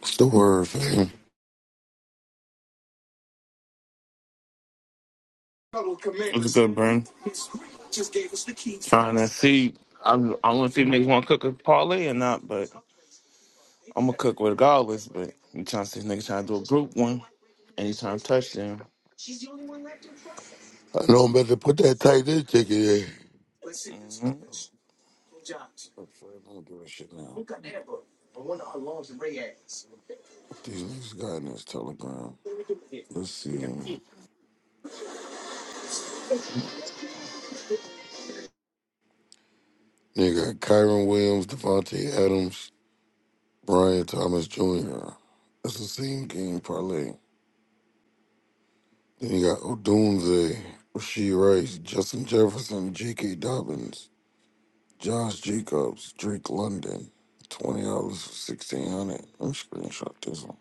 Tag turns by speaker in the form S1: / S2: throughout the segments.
S1: What's the word, man?
S2: What's good, Bryn? Trying to see. I'm, I'm to see if niggas want to cook a parlay or not, but I'm gonna cook regardless. But I'm trying to see if niggas trying to do a group one anytime touchdown.
S1: I know I'm about to put that tight end ticket in.
S2: hmm
S1: I'm afraid I don't give a shit now. What these niggas got in this telegram? Let's see. They got Kyron Williams, Devontae Adams, Brian Thomas Jr. That's the same game parlay. Then you got Odunze, Rasheed Rice, Justin Jefferson, J.K. Dobbins, Josh Jacobs, Drake London. Twenty dollars for sixteen hundred. Let me screenshot this one.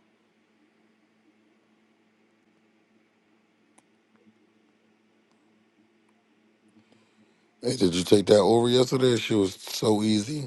S1: Hey, did you take that over yesterday? She was so easy.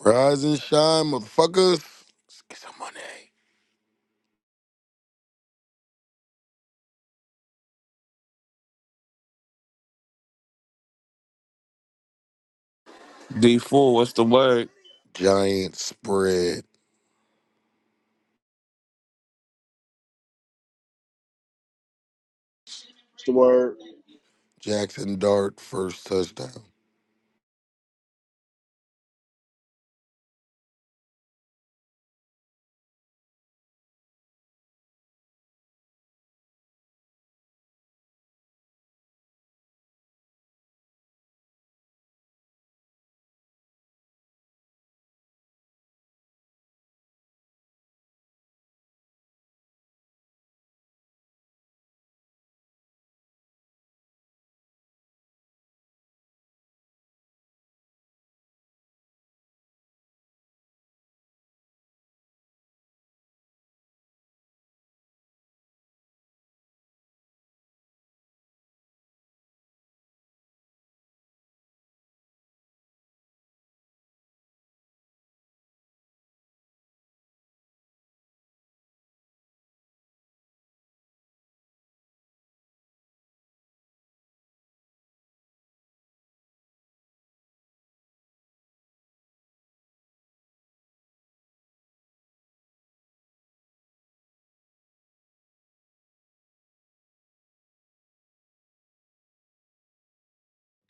S1: Rise and shine, motherfuckers. Let's get some money.
S2: D4, what's the word?
S1: Giant spread.
S3: What's the word?
S1: Jackson Dart first touchdown.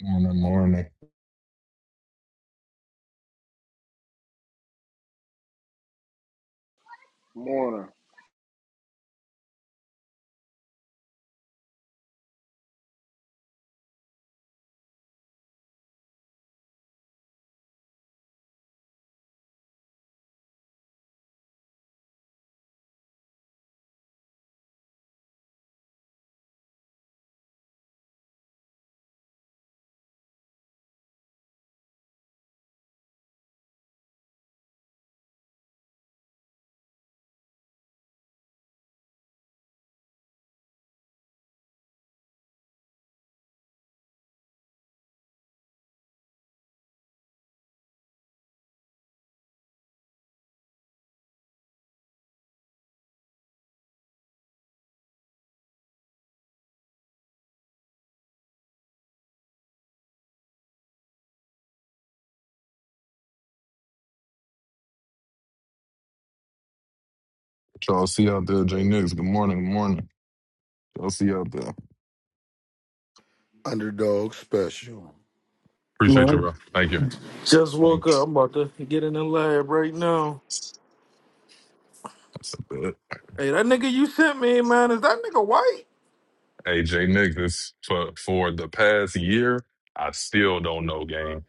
S4: Morning, morning.
S3: Warner.
S4: What Y'all see out there, Jay Nix. Good morning, good morning. Y'all see out there.
S1: Underdog special.
S4: Appreciate you,
S5: Man,
S4: bro. Thank you.
S5: I just woke up.
S4: Thanks.
S5: I'm about to get in the lab right now.
S4: That's a bit.
S5: Hey, that nigga you sent me, man, is that nigga white?
S4: Hey, Jay Nix, this for for the past year, I still don't know game.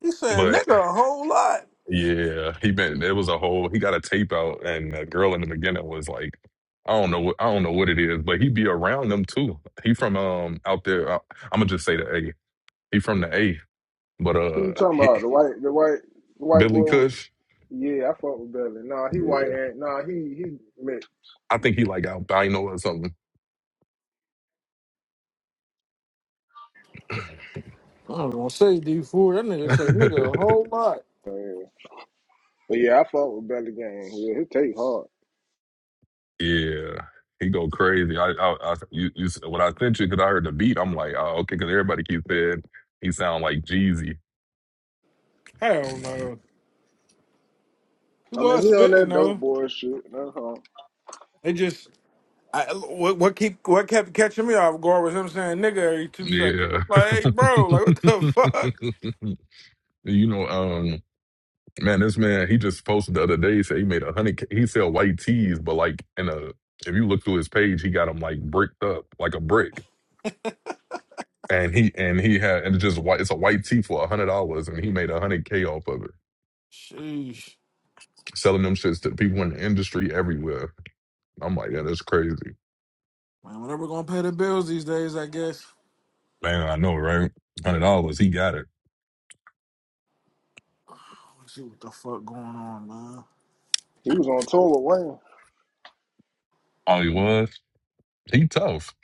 S5: He saying
S4: But
S5: nigga a whole lot.
S4: yeah, he been it was a whole he got a tape out and the girl in the beginning was like, I don't know what I don't know what it is, but he be around them too. He from um out there I, I'm gonna just say the A. He from the A. But
S3: Who you
S4: uh
S3: talking about? The white, the white, the white
S4: Billy
S3: boy with.
S4: Cush,
S3: Yeah, I fuck with Belly. Nah, he white
S4: yeah.
S3: and nah, he he mixed.
S4: I think he like albino or something.
S5: I don't want to say D4. That nigga say nigga a whole lot.
S3: Oh, yeah. But yeah, I fuck with Belly Gang. Yeah, he take hard.
S4: yeah, he go crazy. I, I, I you, you, when I sent you, because I heard the beat, I'm like, oh, okay, because everybody keeps saying he sound like Jeezy.
S5: Hell no. He
S3: I mean,
S5: was
S3: he on
S5: spitting,
S3: that dope
S5: though.
S3: boy shit. That's all.
S5: They just, I, what, what keep what kept catching me off guard was him saying nigga every two seconds.
S4: Yeah.
S5: I'm like, hey, bro, like, what the fuck?
S4: you know, um, man, this man, he just posted the other day, he said he made a hundred, K- he sell white tees, but like in a, if you look through his page, he got them like bricked up, like a brick. And he, and he had, and it's just white, it's a white tee for a hundred dollars and he made a hundred K off of it,
S5: Sheesh.
S4: selling them shits to people in the industry everywhere. I'm like, yeah, that's crazy.
S5: Man, whatever gonna pay the bills these days, I guess.
S4: Man, I know, right? Hundred dollars, he got it.
S5: I wanna see what the fuck going on, man.
S3: He was on tour with Wayne.
S4: Oh, he was. He tough.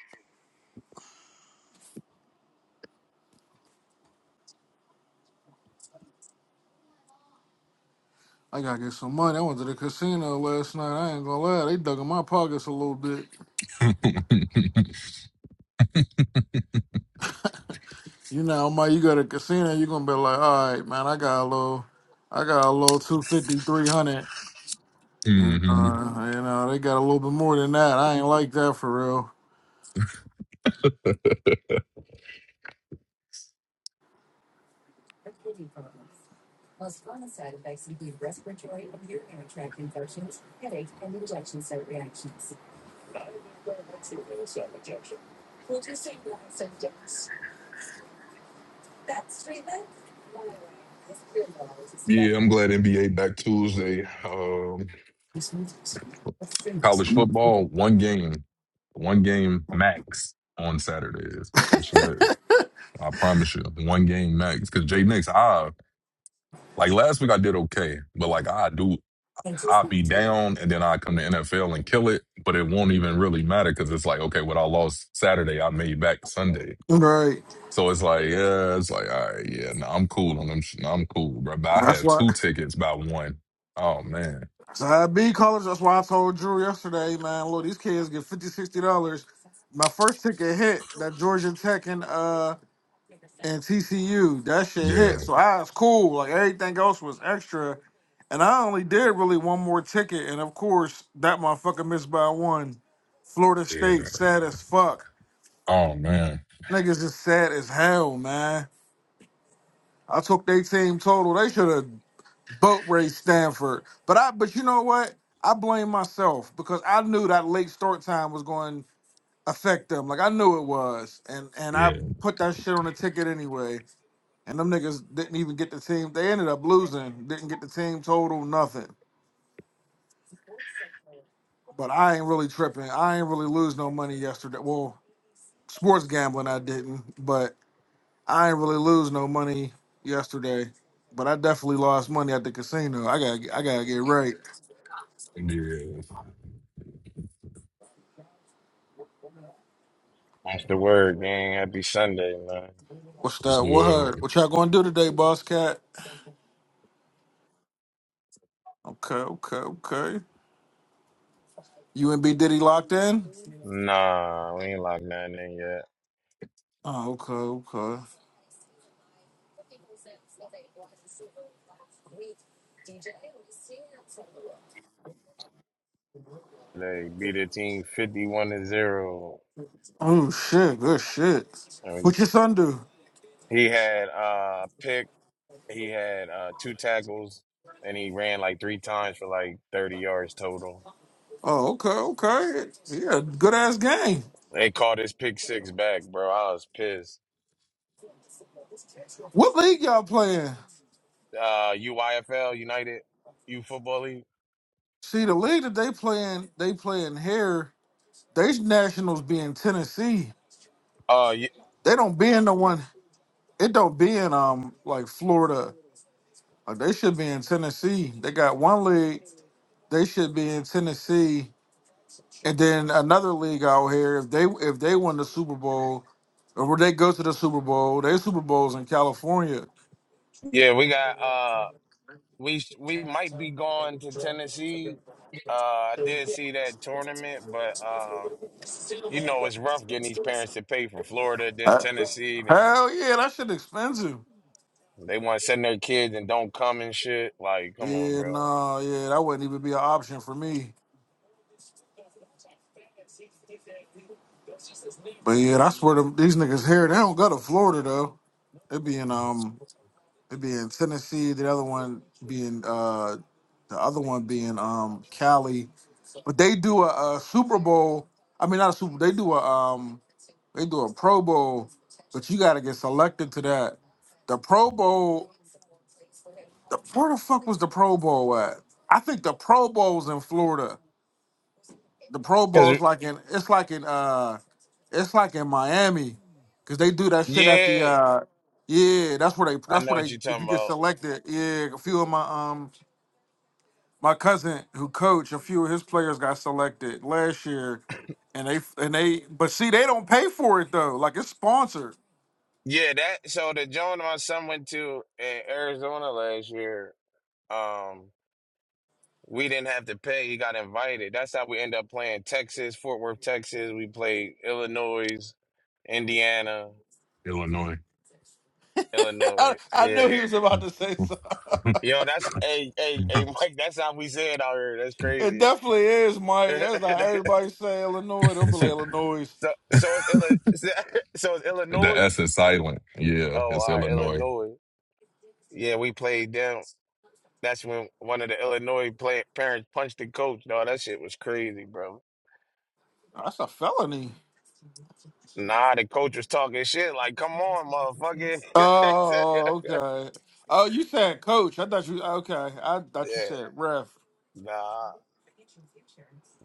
S5: I gotta get some money. I went to the casino last night. I ain't gonna lie, they dug in my pockets a little bit.
S4: hmm
S5: You know, my you go to casino, you gonna be like, all right, man, I got a little, I got a little two fifty, three hundred, And, uh, you know, they got a little bit more than that. I ain't like that for real.
S4: Yeah, I'm glad NBA back Tuesday. Um, college football, one game, one game max on Saturdays. Actually, I promise you, one game max. Because Jay Nix, I like last week I did okay, but like I do, I be down, and then I come to NFL and kill it. But it won't even really matter because it's like okay, what I lost Saturday, I made back Sunday.
S5: Right.
S4: So it's like, yeah, it's like, all right, yeah, no, I'm cool on them. Sh- no, I'm cool, bro. But I
S5: That's
S4: had
S5: why.
S4: two tickets by one. Oh man,
S5: So I be college. That's why I told Drew yesterday, man. Look, these kids get fifty, sixty dollars, My first ticket hit that Georgia Tech and uh and TCU. That shit
S4: yeah,
S5: hit. So I was cool. Like everything else was extra. And I only did really one more ticket. And of course, that motherfucker missed by one. Florida
S4: yeah.
S5: State sad as fuck.
S4: Oh man,
S5: Niggas is sad as hell, man. I took their team total. They should have boat raced Stanford. But I but you know what? I blame myself because I knew that late start time was going affect them. Like I knew it was, and and I
S4: yeah,
S5: put that shit on the ticket anyway. And them niggas didn't even get the team. They ended up losing. Didn't get the team total. Nothing. But I ain't really tripping. I ain't really lose no money yesterday. Well, sports gambling I didn't, but I ain't really lose no money yesterday. But I definitely lost money at the casino. I gotta get- I gotta get right.
S4: yeah.
S6: After work, word, gang. Happy Sunday, man.
S5: What's
S4: What's
S5: that? What her?
S4: good,
S5: What y'all gonna do today, boss cat? Okay, okay, okay. You and B Diddy locked in?
S6: Nah, we ain't locked nothing in yet.
S5: Oh, okay, okay.
S6: They beat the team 51 to 0.
S5: Oh shit, good shit.
S6: And
S5: What your son do?
S6: He had uh, a pick, he had uh, two tackles, and he ran like three times for like 30 yards total.
S5: Oh, okay, okay. Yeah, good ass game.
S6: They called his pick six back, bro. I was pissed.
S5: What league y'all playing?
S6: Uh, UYFL, United U Football League.
S5: See, the league that they playing, they playing here. They nationals be in Tennessee.
S6: Uh, y-
S5: They don't be in the one. It don't be in um like Florida. Like they should be in Tennessee. They got one league. They should be in Tennessee, and then another league out here. If they if they win the Super Bowl, or where they go to the Super Bowl, their Super Bowls in California.
S6: yeah, we got. uh, We we might be going to Tennessee. Uh, I did see that tournament, but uh, you know it's rough getting these parents to pay for Florida, then Tennessee, then
S5: Hell yeah, that shit expensive.
S6: they want to send their kids and don't come and shit. Like, come on,
S5: Yeah,
S6: bro.
S5: nah, yeah, that wouldn't even be an option for me. But yeah, I swear to these niggas here, they don't go to Florida though. It'd be in um it'd be in Tennessee, the other one being uh the other one being um Cali. But they do a, a Super Bowl. I mean not a Super they do a um they do a Pro Bowl, but you gotta get selected to that. The Pro Bowl the, where the fuck was the Pro Bowl at? I think the Pro Bowl's in Florida. the Pro
S6: Cause
S5: Bowl's like in it's like in uh it's like in Miami because they do that shit at the
S6: yeah,
S5: uh yeah that's where they
S6: I
S5: that's
S6: know
S5: where
S6: what
S5: they
S6: you're
S5: if
S6: talking
S5: you get
S6: about.
S5: selected yeah a few of my um my cousin who coached a few of his players got selected last year and they and they but see they don't pay for it though like it's sponsored
S6: Yeah, that. So the joint my son went to in Arizona last year. Um, We didn't have to pay. He got invited. That's how we end up playing Texas, Fort Worth, Texas. We played Illinois, Indiana,
S4: Illinois?
S5: I,
S6: Illinois.
S5: I knew
S6: Yeah.
S5: he was about to say something
S4: the
S6: Yo, that's hey, hey, hey, Mike. That's how we say it out here. That's
S5: it
S6: crazy.
S5: definitely is Mike that's how everybody say Illinois don't believe Illinois
S6: so, so it's Illi- so it's Illinois.
S4: S is silent. Yeah,
S6: Oh,
S4: it's
S6: all right,
S4: Illinois.
S6: Illinois. Yeah, we played them. That's when one of the Illinois play- parents punched the coach. No, that shit was crazy, bro.
S5: that's a felony
S6: Nah, the coach was talking shit. Like, come on, motherfucker.
S5: Oh, okay. Oh, you said coach. I thought you okay. I thought you
S6: Yeah,
S5: said ref.
S6: nah.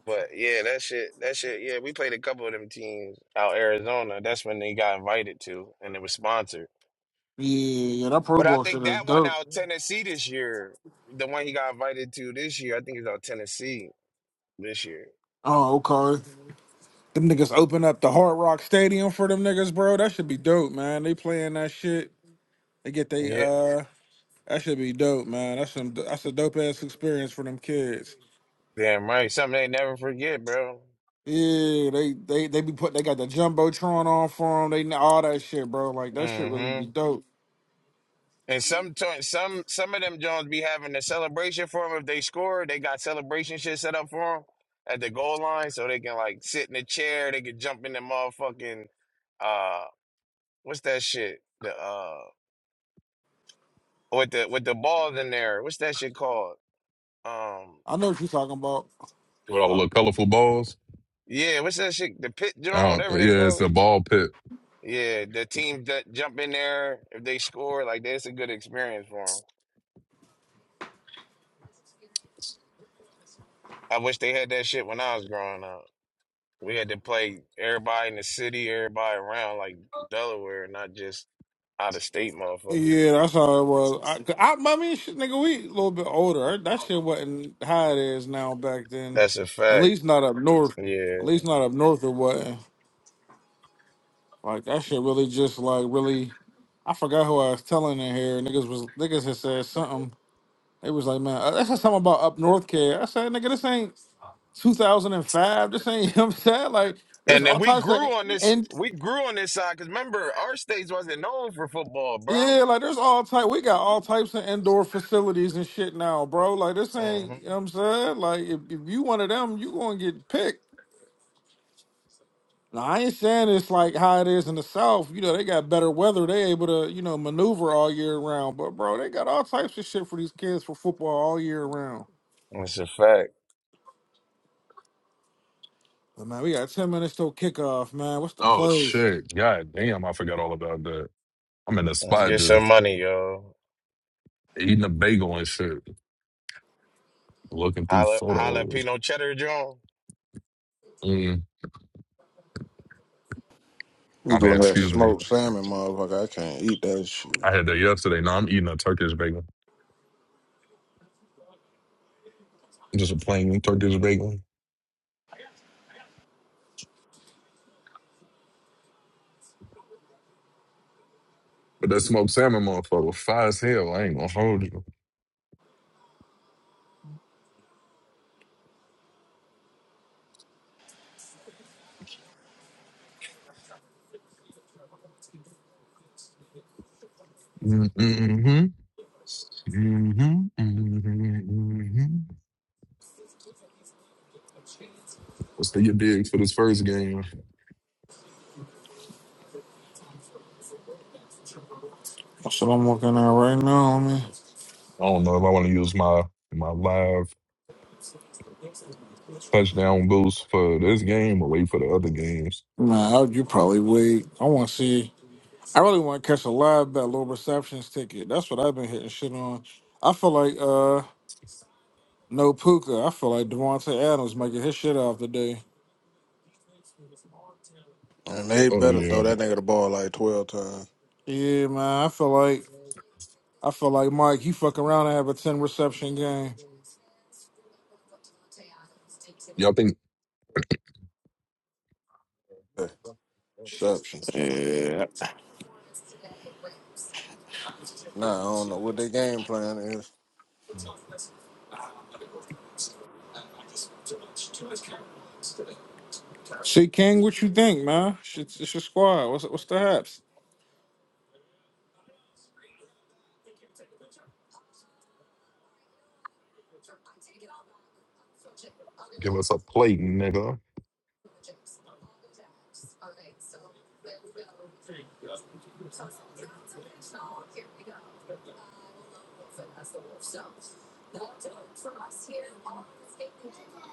S6: But yeah, that shit, that shit, yeah, we played a couple of them teams out Arizona. That's when they got invited to, and it was sponsored.
S5: Yeah, yeah, that Pro
S6: But I
S5: Bowl shit
S6: think
S5: is
S6: that one
S5: dope.
S6: out Tennessee this year, the one he got invited to this year, I think it's out Tennessee this year.
S5: Oh, okay. Them niggas open up the Hard Rock Stadium for them niggas, bro. That should be dope, man. They playing that shit. They get they
S6: Yeah,
S5: uh that should be dope, man. That's some that's a dope ass experience for them kids.
S6: damn right. Something they never forget, bro.
S5: Yeah, they they they be put they got the jumbotron on for them. They all that shit, bro. Like that shit really
S6: Hmm.
S5: be dope.
S6: And some some some of them Jones be having a celebration for them if they score. They got celebration shit set up for them at the goal line, so they can like sit in the chair. They can jump in the motherfucking uh, what's that shit? The uh, with the with the balls in there. What's that shit called? Um,
S5: I know what you talking about.
S4: With all the
S6: fuck.
S4: little colorful balls.
S6: Yeah, what's that shit? The pit Jones,
S4: Oh,
S6: whatever they
S4: yeah, it's
S6: call
S4: a
S6: it.
S4: ball pit.
S6: Yeah, the teams that jump in there if they score, like that's a good experience for them. I wish they had that shit when I was growing up. We had to play everybody in the city, everybody around, like Delaware, not just out of state motherfuckers.
S5: Yeah, that's how it was. I, 'cause I, I mean, shit, nigga, we a little bit older. That shit wasn't how it is now back then.
S6: That's a
S5: At
S6: fact.
S5: least not up north. At
S6: Yeah.
S5: least not up north it wasn't. Like that shit really just like really. I forgot who I was telling in here. Niggas was niggas had said something. They was like, man, uh, that's just something about up north care. I said, nigga, this ain't 2005. This ain't. You know what I'm saying like there's
S6: And then
S5: all
S6: we
S5: types of
S6: grew on this.
S5: and
S6: We grew on this side because remember, our states wasn't known for football, bro.
S5: Yeah, like there's all type. We got all types of indoor facilities and shit now, bro. Like this ain't.
S6: hmm
S5: You know what I'm saying, like if, if you one of them, you gonna get picked. Now I ain't saying it's like how it is in the South. You know they got better weather. They able to you know maneuver all year round. But bro, they got all types of shit for these kids for football all year round.
S6: That's a fact.
S5: But man, we got ten minutes till kickoff. Man, what's the
S4: Oh
S5: plays?
S4: shit! God damn, I forgot all about that. I'm in the
S6: Let's
S4: spot
S6: get some
S4: just
S6: money, y'all.
S4: eating a bagel and shit, looking through
S6: Jala-
S4: photos.
S6: Jalapeno cheddar, John.
S4: Mm,
S3: I'm
S4: my bad.
S3: doing that
S4: Excuse me.
S3: smoked salmon, motherfucker. I can't eat that
S4: I
S3: shit.
S4: had that yesterday. No, I'm eating a Turkish bagel. Just a plain Turkish bagel. But that smoked salmon motherfucker, fire as hell. I ain't gonna hold you. Mm-hmm. Mm-hmm. Mm-hmm. What's the your big for this first game?
S5: That's what I'm looking at right now. Man,
S4: I don't know if I want to use my my live touchdown boost for this game or wait for the other games.
S5: nah, you probably wait. I want to see. I really want to catch a live battle over receptions ticket. That's what I've been hitting shit on. I feel like uh no Puka. I feel like Devontae Adams might get his shit off today.
S3: And they
S4: Oh
S3: better
S4: yeah.
S3: throw that nigga the ball like 12 times.
S5: Yeah, man. I feel like I feel like Mike. He fuck around and have a ten reception game.
S4: Y'all think
S3: Exceptions.
S5: Yeah.
S3: Nah, I don't know what their game plan is.
S5: See, King, what you think, man? It's, it's your squad. What's what's the haps?
S4: give us a plate, nigga.
S5: Okay, so there we go. So, so here we go. That's the wolf. So, What? for us here on the statement.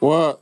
S5: Well,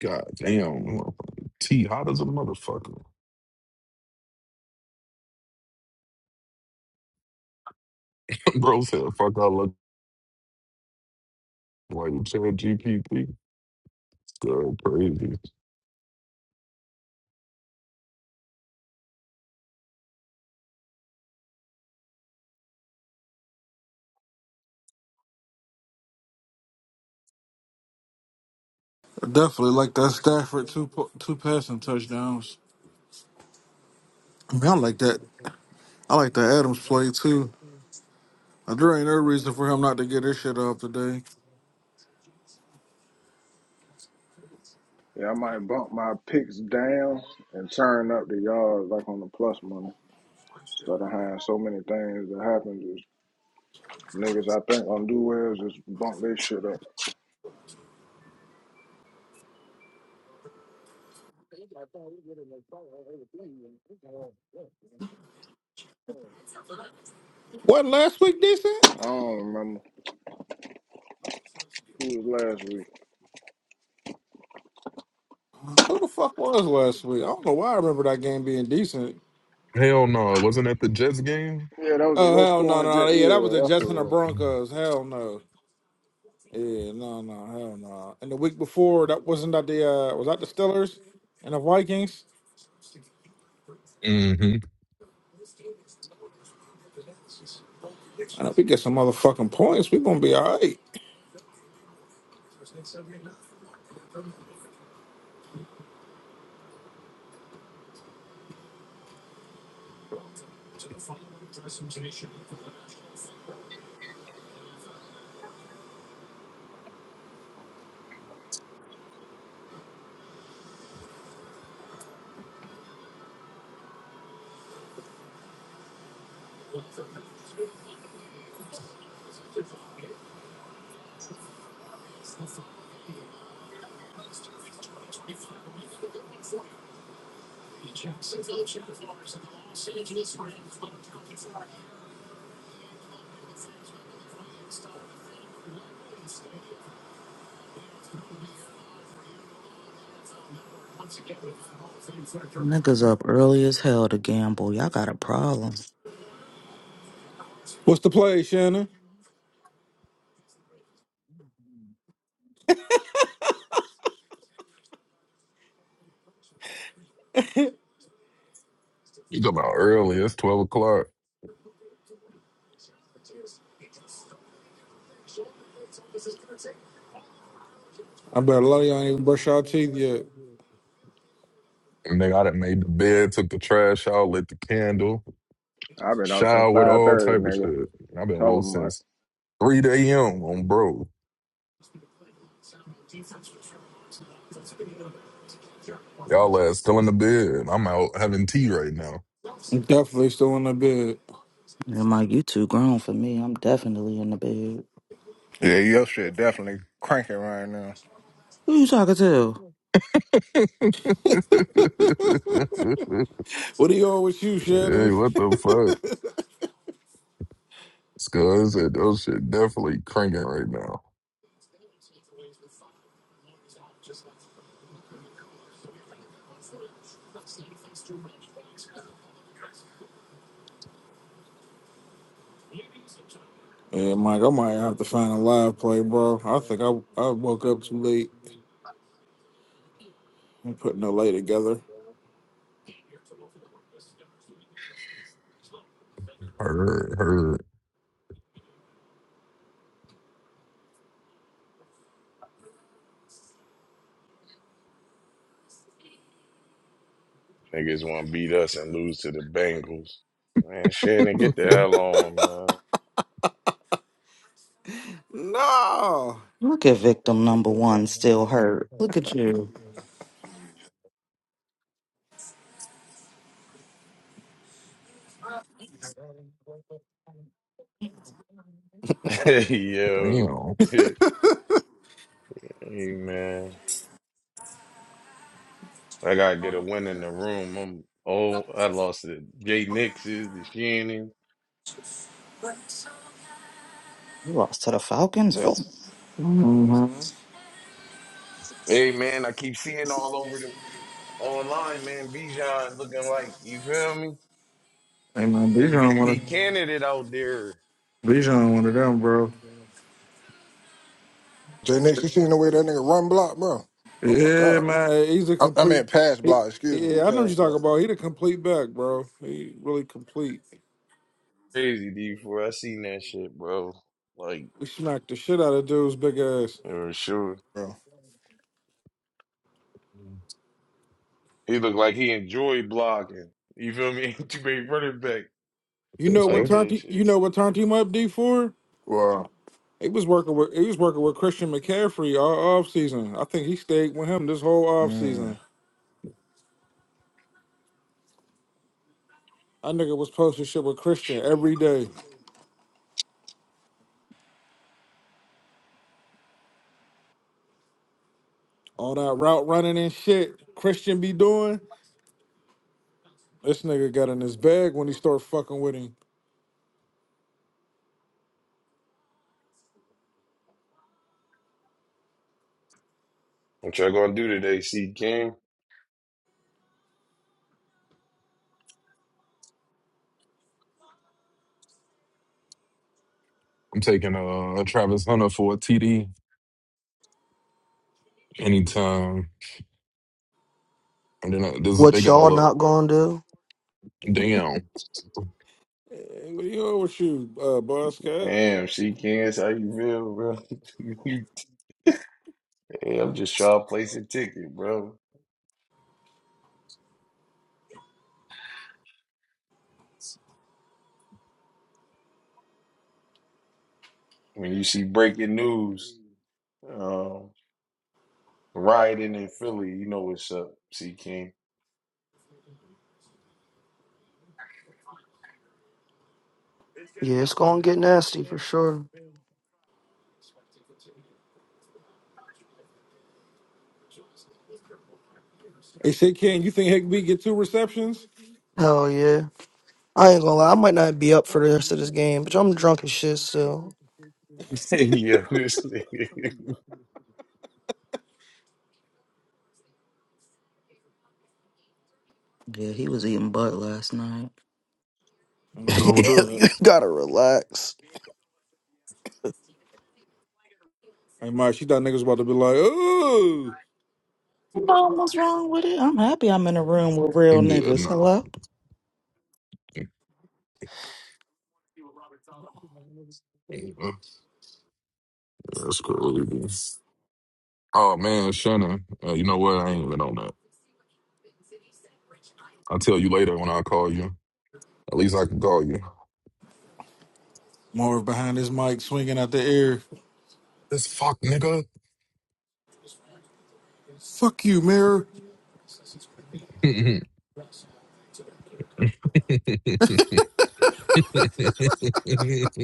S4: God damn. T hot as a motherfucker. Bro said, fuck, I look like Chad GPT. Go crazy.
S5: I definitely like that Stafford two po- two passing touchdowns. I mean, I like that. I like that Adams play too. Uh, There ain't no reason for him not to get his shit off today.
S3: Yeah, I might bump my picks down and turn up the yards like on the plus money. Instead of having so many things that happen, just niggas I think gonna do well just bump their shit up.
S5: What last week decent?
S3: I don't remember who was last week.
S5: Who the fuck was last week? I don't know why I remember that game being decent.
S4: Hell no, it wasn't at the Jets game.
S3: Yeah, that was a
S5: Oh
S3: low
S5: hell no
S3: scoring
S5: no
S3: jet.
S5: yeah that was the
S3: Yeah, that's
S5: Jets
S3: what
S5: and
S3: it
S5: the
S3: was.
S5: Broncos hell no yeah no no hell no and the week before that wasn't that the uh was that the Steelers and the Vikings
S4: Mm-hmm.
S5: and if we get some motherfucking points we gonna be all right
S7: Niggas up early as hell to gamble. Y'all got a problem.
S5: what's the play Shannon
S4: You talking about early. It's 12 o'clock.
S5: I bet a lot of you all ain't even brush our teeth yet
S4: And they got it made the bed, took the trash out, lit the candle,
S3: I've been out since
S4: showered,
S3: five
S4: all
S3: thirty,
S4: type of
S3: nigga.
S4: shit. I've been
S3: Tell
S4: woke
S3: them Mike.
S4: since 3 a.m. on bro. Y'all ass still in the bed. I'm out having tea right now.
S5: I'm definitely still in the bed
S7: And my you too grown for me. I'm definitely in the bed.
S3: Yeah, your shit definitely cranking right now.
S7: Who you talking to?
S4: hey,
S5: what do you all with you Shannon
S4: what the fuck? Cause I said those shit definitely cranking right now.
S5: yeah Mike I might have to find a live play bro I think I I woke up too late I'm putting a lay together
S4: Heard, heard.
S6: Niggas want to beat us and lose to the Bengals. Man, shit, and get the
S4: Damn.
S6: hell on,
S5: no
S7: Look at victim number one still hurt. Look at you.
S6: man. Yo,
S4: The
S6: shit. hey, man. I gotta get a win in the room. I'm oh, I lost to Jay Nix's, the Shannon.
S7: You lost to the Falcons. Ugh.
S6: Was- Hey man, I keep seeing all over the online, man. Bijan looking like you feel me,
S5: hey man but you don't want to.
S6: MVP candidate out there.
S5: Bijan one of them, bro.
S3: J Nix, you seen the way that nigga run block, bro? Oh my
S5: Yeah,
S3: god.
S5: man, he's a
S3: I, I
S5: complete.
S3: mean pass
S5: He,
S3: block, excuse me,
S5: yeah, I know what
S3: pass
S5: you're talking
S3: block,
S5: about. He the complete back, bro. He really complete.
S6: Crazy D before I seen that shit, bro. Like
S5: We smacked the shit out of dude's big ass.
S6: for sure,
S3: bro.
S6: he looked like he enjoyed blocking. You feel me? Ain't too many running back
S5: You know what
S6: like
S4: fuck?
S5: turned
S6: that
S5: he- you
S6: shit.
S5: know what turned him up D for?
S3: Wow.
S5: He was working with he was working with Christian McCaffrey all off season. I think he stayed with him this whole off season. That nigga was posting shit with Christian every day. All that route running and shit Christian be doing. This nigga got in his bag when he started fucking with him.
S6: What y'all gonna do today, C King?
S4: I'm taking uh Travis Hunter for a TD anytime. And then uh, this they
S8: What
S4: got a
S8: y'all not
S4: little
S8: gonna do?
S4: damn.
S5: Hey, what are you on with you, uh, boss cat?
S6: Damn, C King, that's how you feel, bro? Hey, I'm just trying to place a ticket, bro. When you see breaking news, um, rioting in Philly, you know what's up, C King.
S8: Yeah, it's gonna get nasty for sure.
S5: Hey, shit, King, you think Higby get two receptions?
S8: Hell yeah. I ain't gonna lie, I might not be up for the rest of this game, but I'm drunk as shit, so
S6: yeah, this nigga.
S7: Yeah, he was eating butt last night.
S5: Ain't
S4: What's
S5: nothing
S4: wrong
S5: wrong
S4: with
S5: with
S4: that?
S5: that.
S8: you gotta relax.
S5: Hey, Mike, she thought niggas about to be like, ooh.
S7: You know what's wrong with it? I'm happy I'm in a room with real
S4: Yeah,
S7: niggas.
S4: no.
S7: Hello?
S4: That's crazy. Oh man, Shannon. Uh, you know what? I ain't even on that. I'll tell you later when I call you. At least I can call you.
S5: Marv behind his mic swinging out the air.
S4: This fuck nigga.
S5: Fuck you, mirror.
S4: yeah, it's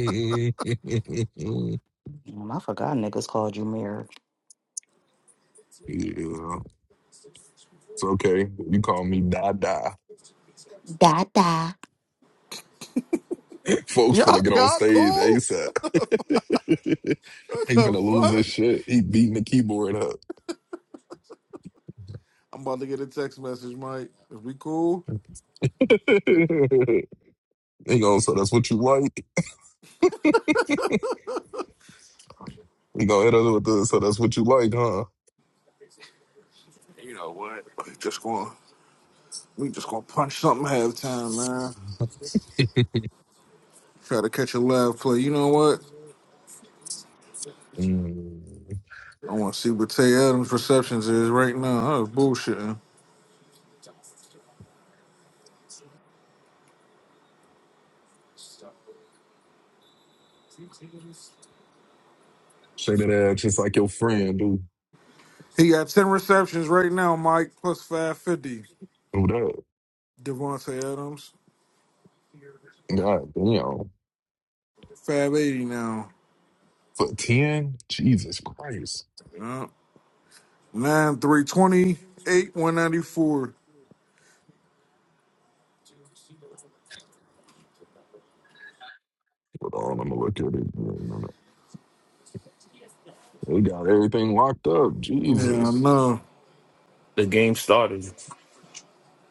S7: Damn, I forgot niggas called you mirror.
S4: okay. You call me Da Da. Folks
S5: Y'all,
S4: finna get on
S5: y'all
S4: stage
S5: cool?
S4: ASAP.
S5: What
S4: he
S5: the
S4: finna lose
S5: fuck?
S4: his shit. He beating the keyboard up.
S5: I'm about to get a text message, Mike. If we cool,
S4: he going, so that's what you like? He gonna hit us with the, so that's what you like, huh?
S5: we just gonna, we just gonna punch something halftime, man. Try to catch a live play. You know what?
S4: Mm.
S5: I want to see what Tay Adams' receptions is right now. That was bullshitting.
S4: Shake that ass just like your friend, dude.
S5: He got 10 receptions right now, Mike, plus 550.
S4: Do do
S5: Devontae Adams,
S4: that. God damn.
S5: 580 now.
S4: For 10? Jesus Christ.
S5: Yeah. 9, three twenty eight 194.
S4: Hold on, I'm gonna look at it. We got everything locked up.
S5: Yeah, I
S4: Jesus.
S5: know.
S2: The game started.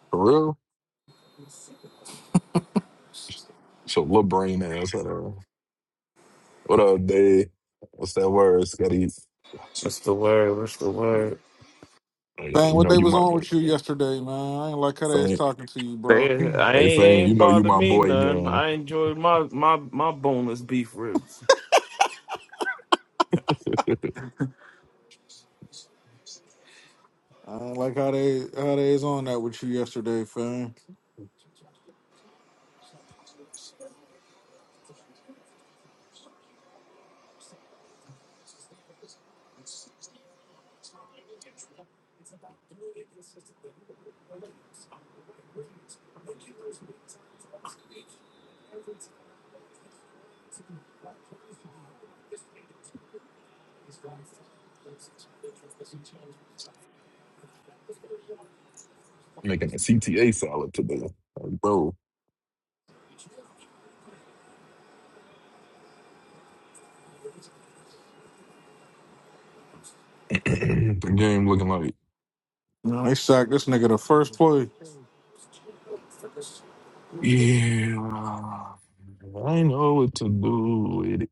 S4: For real? It's your little brain ass out there. What up, Dave? What's that word, Scotty?
S2: What's the word? What's the word?
S4: Oh, yeah, You
S5: Bang, what
S4: know
S5: they
S4: you
S5: was
S4: my
S5: on with you yesterday, man? I ain't like how they was
S4: fan.
S5: talking to you,
S2: They,
S5: bro.
S2: I
S4: Hey,
S2: ain't,
S4: fan, you
S2: ain't
S4: know you
S2: bothered
S4: my
S2: me
S4: boy
S2: none.
S4: gang.
S2: I enjoyed my my my boneless beef ribs.
S5: I ain't like how they how they is on that with you yesterday, fam.
S4: Making a CTA salad today. Like, bro, the game looking like.
S5: No, they sacked this nigga the first play.
S4: Yeah. I know what to do with it.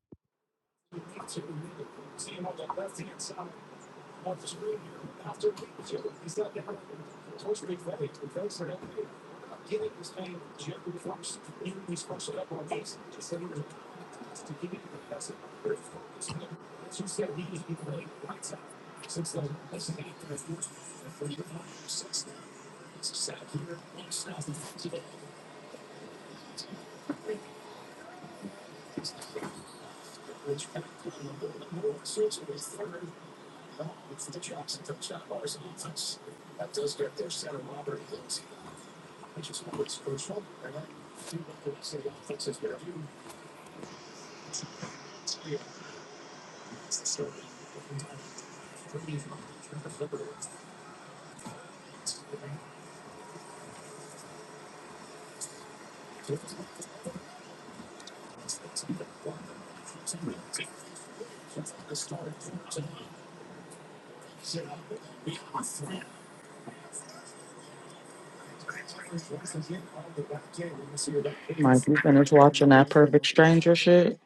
S7: Mike, you finished watching that Perfect Stranger shit?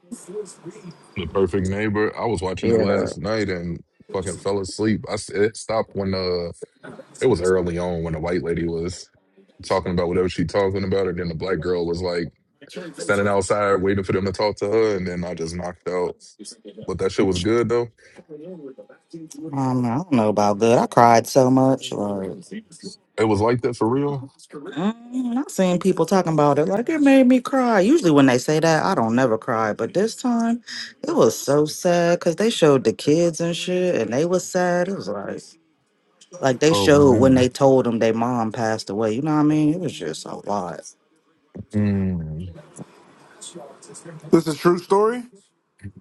S4: The Perfect Neighbor. I was watching it
S7: Yeah,
S4: last
S7: though.
S4: night and fucking fell asleep. I s- it stopped when uh, It was early on when the white lady was talking about whatever she talking about, and then the black girl was like standing outside waiting for them to talk to her, and then I just knocked out. But that shit was good though.
S7: Um, I don't know about good. I cried so much. Like,
S4: It was like that for real.
S7: mm, I've seen people talking about it. Like, it made me cry. Usually, when they say that, I don't never cry. But this time, it was so sad because they showed the kids and shit, and they was sad. It was like, like they
S4: Oh
S7: showed when
S4: man.
S7: they told them their mom passed away. You know what I mean? It was just a lot
S4: Mm,
S5: This a true story?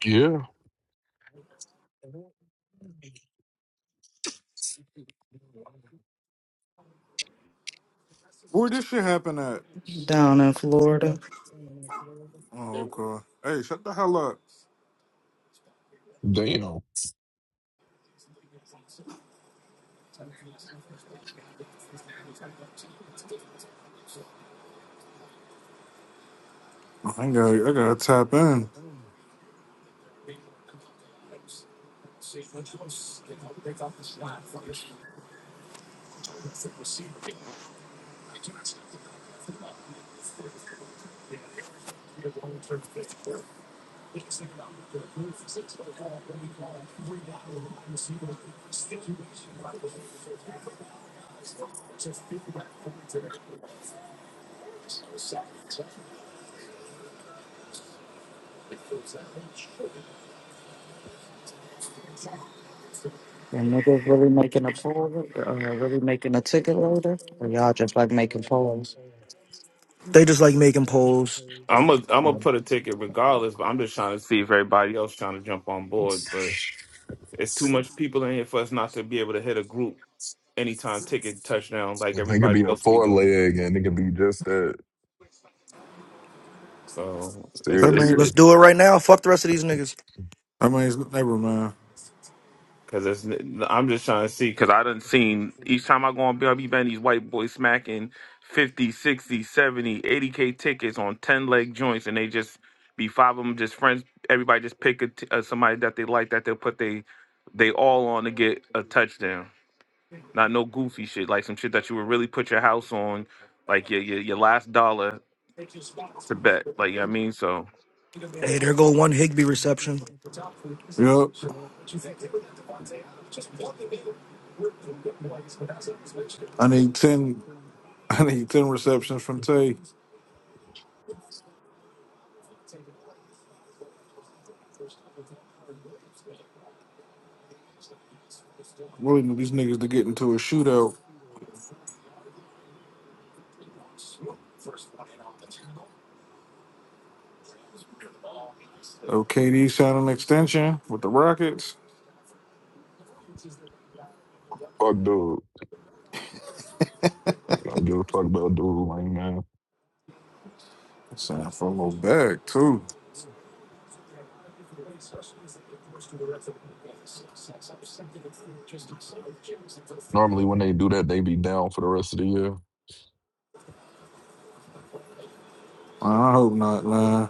S4: yeah.
S5: Where this shit happen at?
S7: down in Florida.
S5: Oh, okay. Hey, shut the hell up.
S4: Damn.
S5: I gotta, I gotta tap in.
S7: And niggas really making a poll, uh, really making a ticket loader, or y'all just like making polls.
S8: They just like making polls.
S2: I'm gonna i I'm gonna
S7: Um,
S2: put a ticket regardless, but I'm just trying to see if everybody else trying to jump on board. But It's too much people in here for us not to be able to hit a group anytime ticket touchdown like
S4: It could be
S2: everybody
S4: a
S2: else be
S4: four
S2: doing.
S4: leg, and it could be just that.
S2: So it's
S5: That
S2: it's
S4: Seriously.
S5: means,
S8: Let's
S2: it
S8: do it right now. Fuck the rest of these niggas.
S5: that means, never mind.
S2: because it's I'm just trying to see because I done seen each time I go on BRB band these white boys smacking 50, 60, 70, 80 k tickets on ten leg joints and they just be five of them just friends. Everybody just pick a t- uh, somebody that they like that they'll put they they all on to get a touchdown. Not no goofy shit like some shit that you would really put your house on, like your your, your last dollar to bet. Like you know what I mean, so.
S8: Hey, there go one Higby reception.
S5: Yep. I need ten. I need ten receptions from Tay. Really need these niggas to get into a shootout. OKD signed an extension with the Rockets.
S4: Fuck dude. I don't give a fuck about dude like man.
S5: Signed for a little bag too.
S4: Normally when they do that, they be down for the rest of the year.
S5: I hope not, man.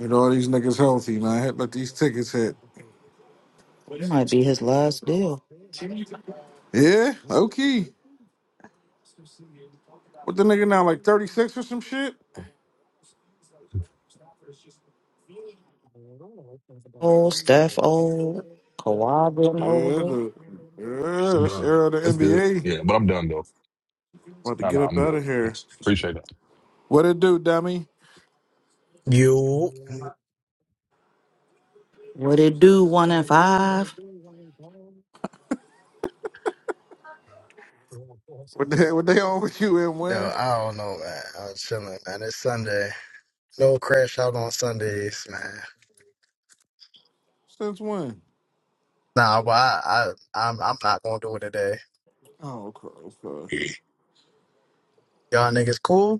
S5: Get all these niggas healthy, man. Hit- Let these tickets hit.
S7: It might be his last deal.
S5: Yeah, okay. What the nigga now, like 36 or some shit?
S7: Old Steph, old Kawhi, getting
S5: Yeah,
S7: older.
S5: the, yeah that's the
S4: done.
S5: era of the
S4: That's good.
S5: NBA.
S4: Yeah, but I'm done though.
S5: About to
S4: No,
S5: get
S4: no,
S5: up
S4: I'm
S5: out
S4: good.
S5: of here.
S4: Yes, appreciate that.
S5: What it do, dummy?
S9: You,
S7: Would it do one and five?
S5: What they, what they on with you and
S9: yo,
S5: when?
S9: I don't know, man. I was chilling, man. It's Sunday. No crash out on Sundays, man.
S5: Since when?
S9: Nah, but I, I, I'm, I'm not gonna do it today.
S5: Oh, okay, okay.
S9: Y'all niggas cool?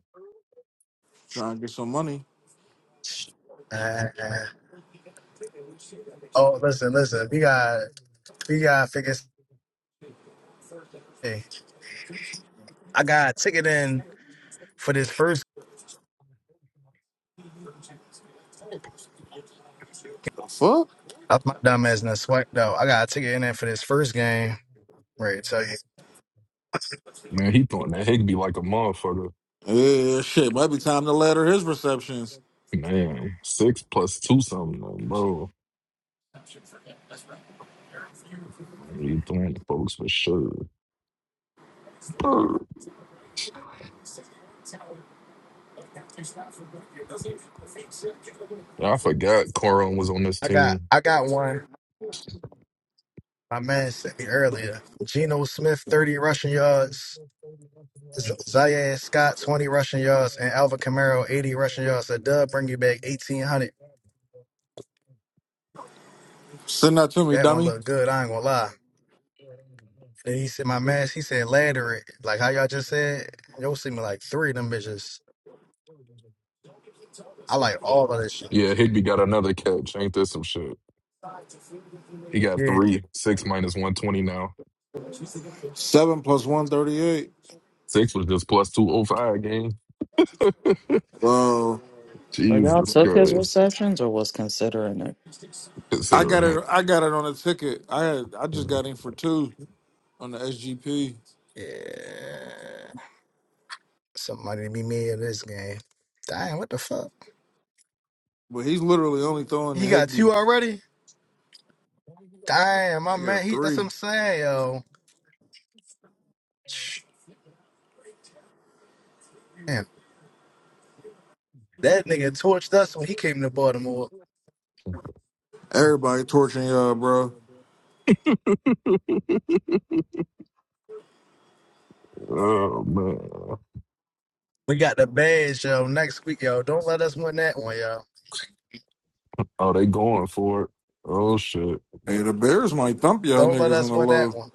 S5: Trying to get some money.
S9: Man. Oh, listen, listen. We got, we got figure. Hey, I got a ticket in for this first.
S5: Fuck.
S9: That's my dumb ass in a sweat though. I got a ticket in there for this first game. Ready to tell you.
S4: Man, he throwing that Higby like a motherfucker.
S5: Yeah, shit. Might be time to ladder his receptions.
S4: Man, six plus two something, though, bro. He throwing the folks for sure. Brr. I forgot Coron was on this
S9: I got
S4: team.
S9: I got one. My man sent me earlier. Geno Smith, 30 rushing yards. Z- Zaire Scott, 20 rushing yards. And Alvin Kamara, 80 rushing yards. A dub bring you back 1,800.
S5: Send that to me,
S9: That one
S5: dummy.
S9: looked good. I ain't going to lie. Then he said, my man, he said, ladder it. Like how y'all just said, you'll see me like three of them bitches. I like all of that shit.
S4: Yeah, Higby got another catch. Ain't this some shit? He got
S9: Yeah.
S4: three. Six minus 120 now.
S5: Seven plus one thirty-eight.
S4: Six was just plus 205 game.
S5: Well,
S7: So y'all
S4: Jesus
S7: took his
S4: Christ.
S7: receptions or was considering it?
S5: I
S4: Considering
S5: got
S4: that.
S5: it. I got it on a ticket. I had, I just got in for two on the SGP,
S9: Yeah. Somebody be me in this game. Damn, what the fuck?
S5: but he's literally only throwing the
S9: He got two
S5: Higby.
S9: already? Damn, my
S5: He
S9: man.
S5: got
S9: He, that's what
S5: three.
S9: I'm saying, yo. That nigga torched us when he came to Baltimore.
S5: Everybody torching y'all, bro.
S4: Oh, man.
S9: We got the badge, yo. Next week, yo. Don't let us win that one, yo.
S4: Oh, they going for it. Oh, shit.
S5: Hey, the Bears might thump y'all
S9: Don't let
S5: niggas on
S9: us
S5: the
S9: win that
S5: low.
S9: one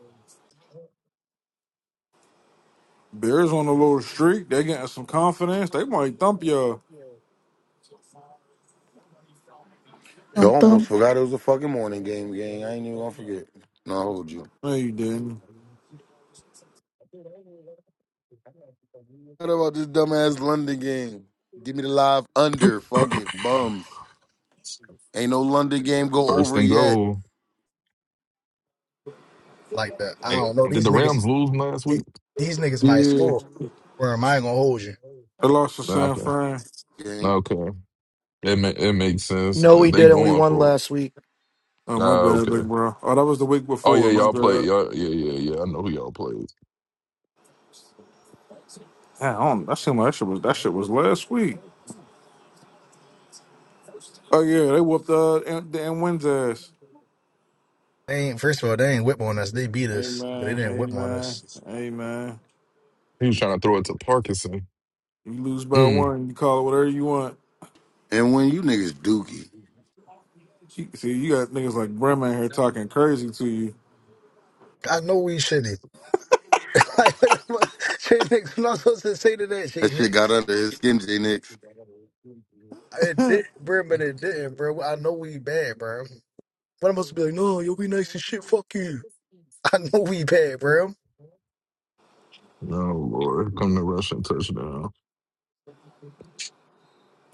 S5: Bears on a little streak. They getting some confidence. They might thump y'all.
S1: You
S7: Thump
S1: almost
S7: thump.
S1: forgot it was a fucking morning game, gang. I ain't even gonna forget. No, I hold you.
S5: No, you didn't.
S1: What about this dumbass London game? Give me the live under. Fuck it, bums. Ain't no London game go
S4: First
S1: over
S4: and
S1: yet,
S4: goal.
S9: like that. I
S4: Hey,
S9: don't know.
S4: did
S9: These
S4: the
S9: niggas,
S4: Rams lose last
S9: it,
S4: week?
S9: these niggas might
S5: Yeah.
S9: score. Or am I gonna hold you?
S5: They lost to
S4: Nah,
S5: San
S4: Okay.
S5: Fran.
S1: gang.
S4: Okay. It ma- it makes sense.
S8: No,
S4: Uh,
S8: we
S4: They
S8: didn't. We
S4: going
S8: won
S4: for it.
S8: last week.
S5: Oh my
S4: Ah,
S5: bad,
S4: okay.
S5: big bro. Oh, that was the week
S4: Oh
S5: before.
S4: yeah,
S5: My
S4: y'all play.
S5: bad.
S4: Y'all, yeah, yeah, yeah. I know who y'all played.
S5: Yeah, I don't, that seemed like that shit was that shit was last week. Oh yeah, they whooped uh and, and wins ass.
S9: They ain't. First of all, they ain't whip on us. They beat us, but they
S5: Amen.
S9: didn't whip on
S5: Amen.
S9: us.
S5: Amen.
S4: He was trying to throw it to Parkinson.
S5: You lose by
S4: Mm.
S5: one, you call it whatever you want.
S1: And when you niggas dookie,
S5: You- See, you got niggas like Brim out here talking crazy to you.
S9: I know we shitty. like, what the fuck? Shay Nix, I'm not supposed to say to that, Shay
S1: that shit got
S9: Nix.
S1: under his skin, J Nix.
S9: It did, bro, but it didn't, bro. I know we bad, bro. But I'm supposed to be like, no, you'll be nice and shit. Fuck you. I know we bad, bro.
S4: No Lord, come to rushing touchdown.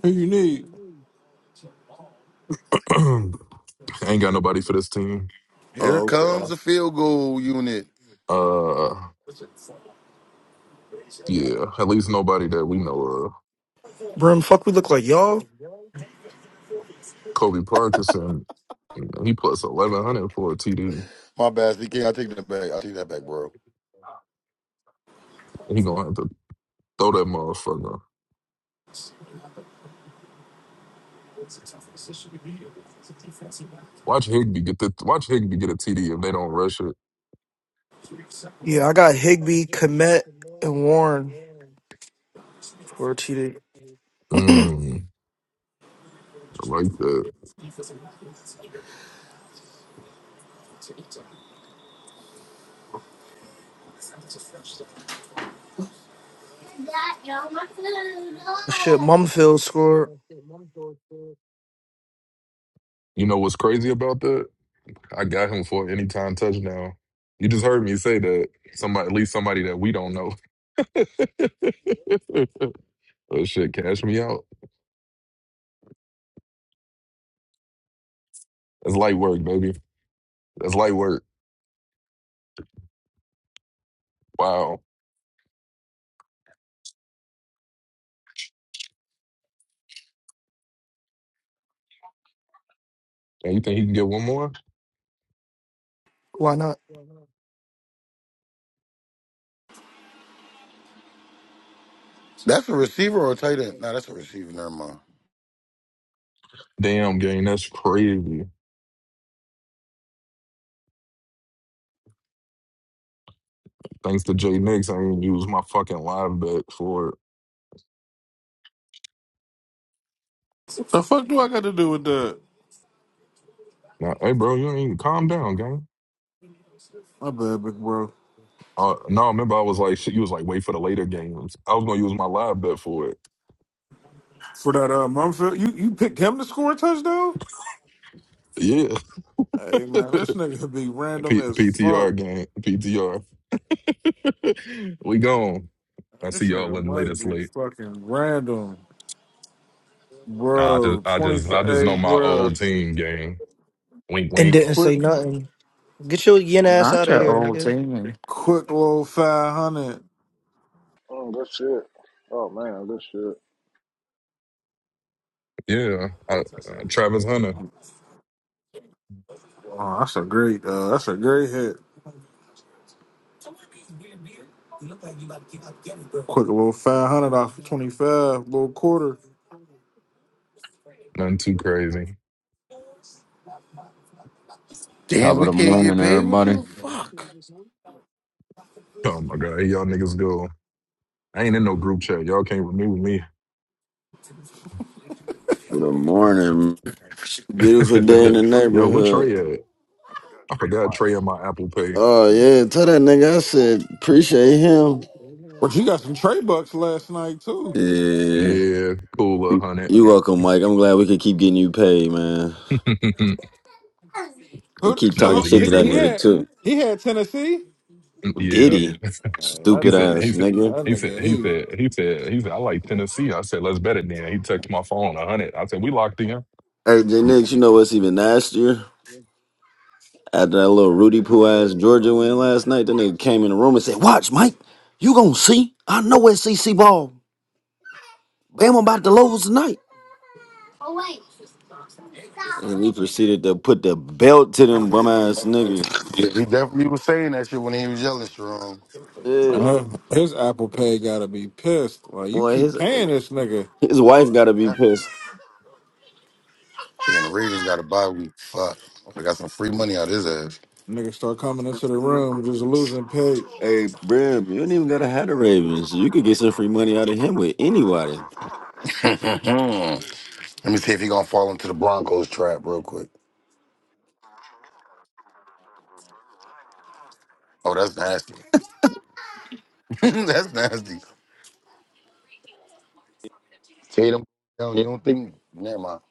S5: Who you need?
S4: Ain't got nobody for this team.
S1: Here
S5: Oh,
S1: comes the field goal unit.
S4: Uh, yeah, at least nobody that we know of.
S8: Brim, fuck we look like y'all?
S4: Kobe Parkinson, you know, he plus eleven hundred for a TD.
S1: My bad, CK. I take that back. I take that back, bro.
S4: He gonna have to throw that motherfucker. Watch Higby get the watch Higby get a TD if they don't rush it
S8: Yeah, I got Higby, Komet, and Warren for a TD.
S4: like that.
S5: okay.
S8: Shit, Mumfield scored.
S4: You know what's crazy about that? I got him for an anytime touchdown. You just heard me say that somebody, at least somebody that we don't know. oh shit, cash me out. That's light work, baby. That's light work. Wow. And you think he can get one more?
S8: Why not?
S1: That's a receiver or a tight end? No, that's a receiver. Never mind.
S4: Damn, gang, that's crazy. Thanks to Jay Nix, I didn't use my fucking live bet for it.
S5: The fuck do I got to do with that?
S4: Now, hey, bro, you ain't even calm down, gang.
S5: My bad, big bro.
S4: Uh, no, I remember I was like, shit, you was like, wait for the later games. I was gonna use my live bet for it.
S5: For that uh, Mumfield, you you picked him to score a touchdown.
S4: Yeah,
S5: Hey man, this nigga be random
S4: P-
S5: as fuck.
S4: PTR game, PTR. we gone. I see
S5: This
S4: y'all
S5: nigga
S4: in late.
S5: might
S4: It's
S5: be
S4: late.
S5: fucking random,
S4: Nah, I just,
S5: bro.
S4: I
S5: Twenty
S4: just, I
S5: for
S4: just know
S5: eight,
S4: my
S5: bro.
S4: old team game. Wink,
S8: And
S4: wink.
S8: didn't
S5: Quick,
S8: say nothing. Get your yin ass
S7: Not
S8: out of
S7: your
S8: here,
S7: old
S8: nigga.
S7: team.
S5: quick little five hundred.
S3: Oh, good shit. Oh man, good shit.
S4: Yeah, I, uh, Travis Hunter.
S5: Oh, that's a great, uh, that's a great hit. Quick little five hundred off of twenty five, little quarter.
S4: Nothing too crazy.
S1: Damn,
S10: Top of
S1: we
S10: the
S1: can't get
S10: morning,
S1: paid with
S10: everybody.
S1: you? Fuck.
S4: Oh my god, here y'all niggas go. I ain't in no group chat. Y'all can't remove me.
S10: Good morning. Beautiful day in the
S4: Yo, what
S10: neighborhood.
S4: Trey at? I forgot Trey in my Apple Pay.
S10: Oh yeah, tell that nigga I said appreciate him.
S5: But you got some trade bucks last night too.
S10: Yeah.
S4: Yeah, cool, a
S10: You
S4: hundred.
S10: you welcome, Mike. I'm glad we could keep
S4: that
S10: getting you paid, man. We
S5: Who,
S10: keep talking
S4: was
S5: so
S4: an
S10: shit to
S5: he,
S4: easy
S10: that
S5: he
S4: word.
S10: nigga
S5: had
S10: too.
S5: he had Tennessee.
S4: Yeah.
S10: Diddy.
S5: Uh, that
S4: He
S10: Stupid
S4: said,
S5: nigga,
S10: ass
S4: he said,
S5: that
S10: nigga.
S4: he said,
S5: nigga,
S4: he
S5: he,
S4: said, he said, he said, I like Tennessee. I said, let's bet it then. He texted my phone a hundred. I said, we locked in.
S10: Hey J
S4: I'm
S10: Nix, you know what's even nastier? After that little Rudy Poo ass Georgia win last night, that nigga came in the room and said, Watch, Mike, you gonna see. I know it's CC ball. Bam about to lose tonight. And we proceeded to put the belt to them bum ass niggas.
S1: Yeah, He definitely was saying that shit when he was yelling, Sharon.
S5: uh,
S10: Yeah.
S5: his Apple Pay gotta be pissed. Like you
S10: Boy,
S5: keep
S10: his
S5: paying this nigga,
S10: his wife gotta be
S1: Damn,
S10: pissed.
S1: the Ravens got a bye week. Fuck. I got some free money out of his ass.
S5: nigga start coming into the room just losing pay.
S10: Hey, Brim, you don't even gotta have the Ravens. You could get some free money out of him with anybody.
S1: Let me see if he gonna fall into the Broncos trap real quick. Oh, that's nasty. that's nasty. Tatum, yo, you don't think? Never mind.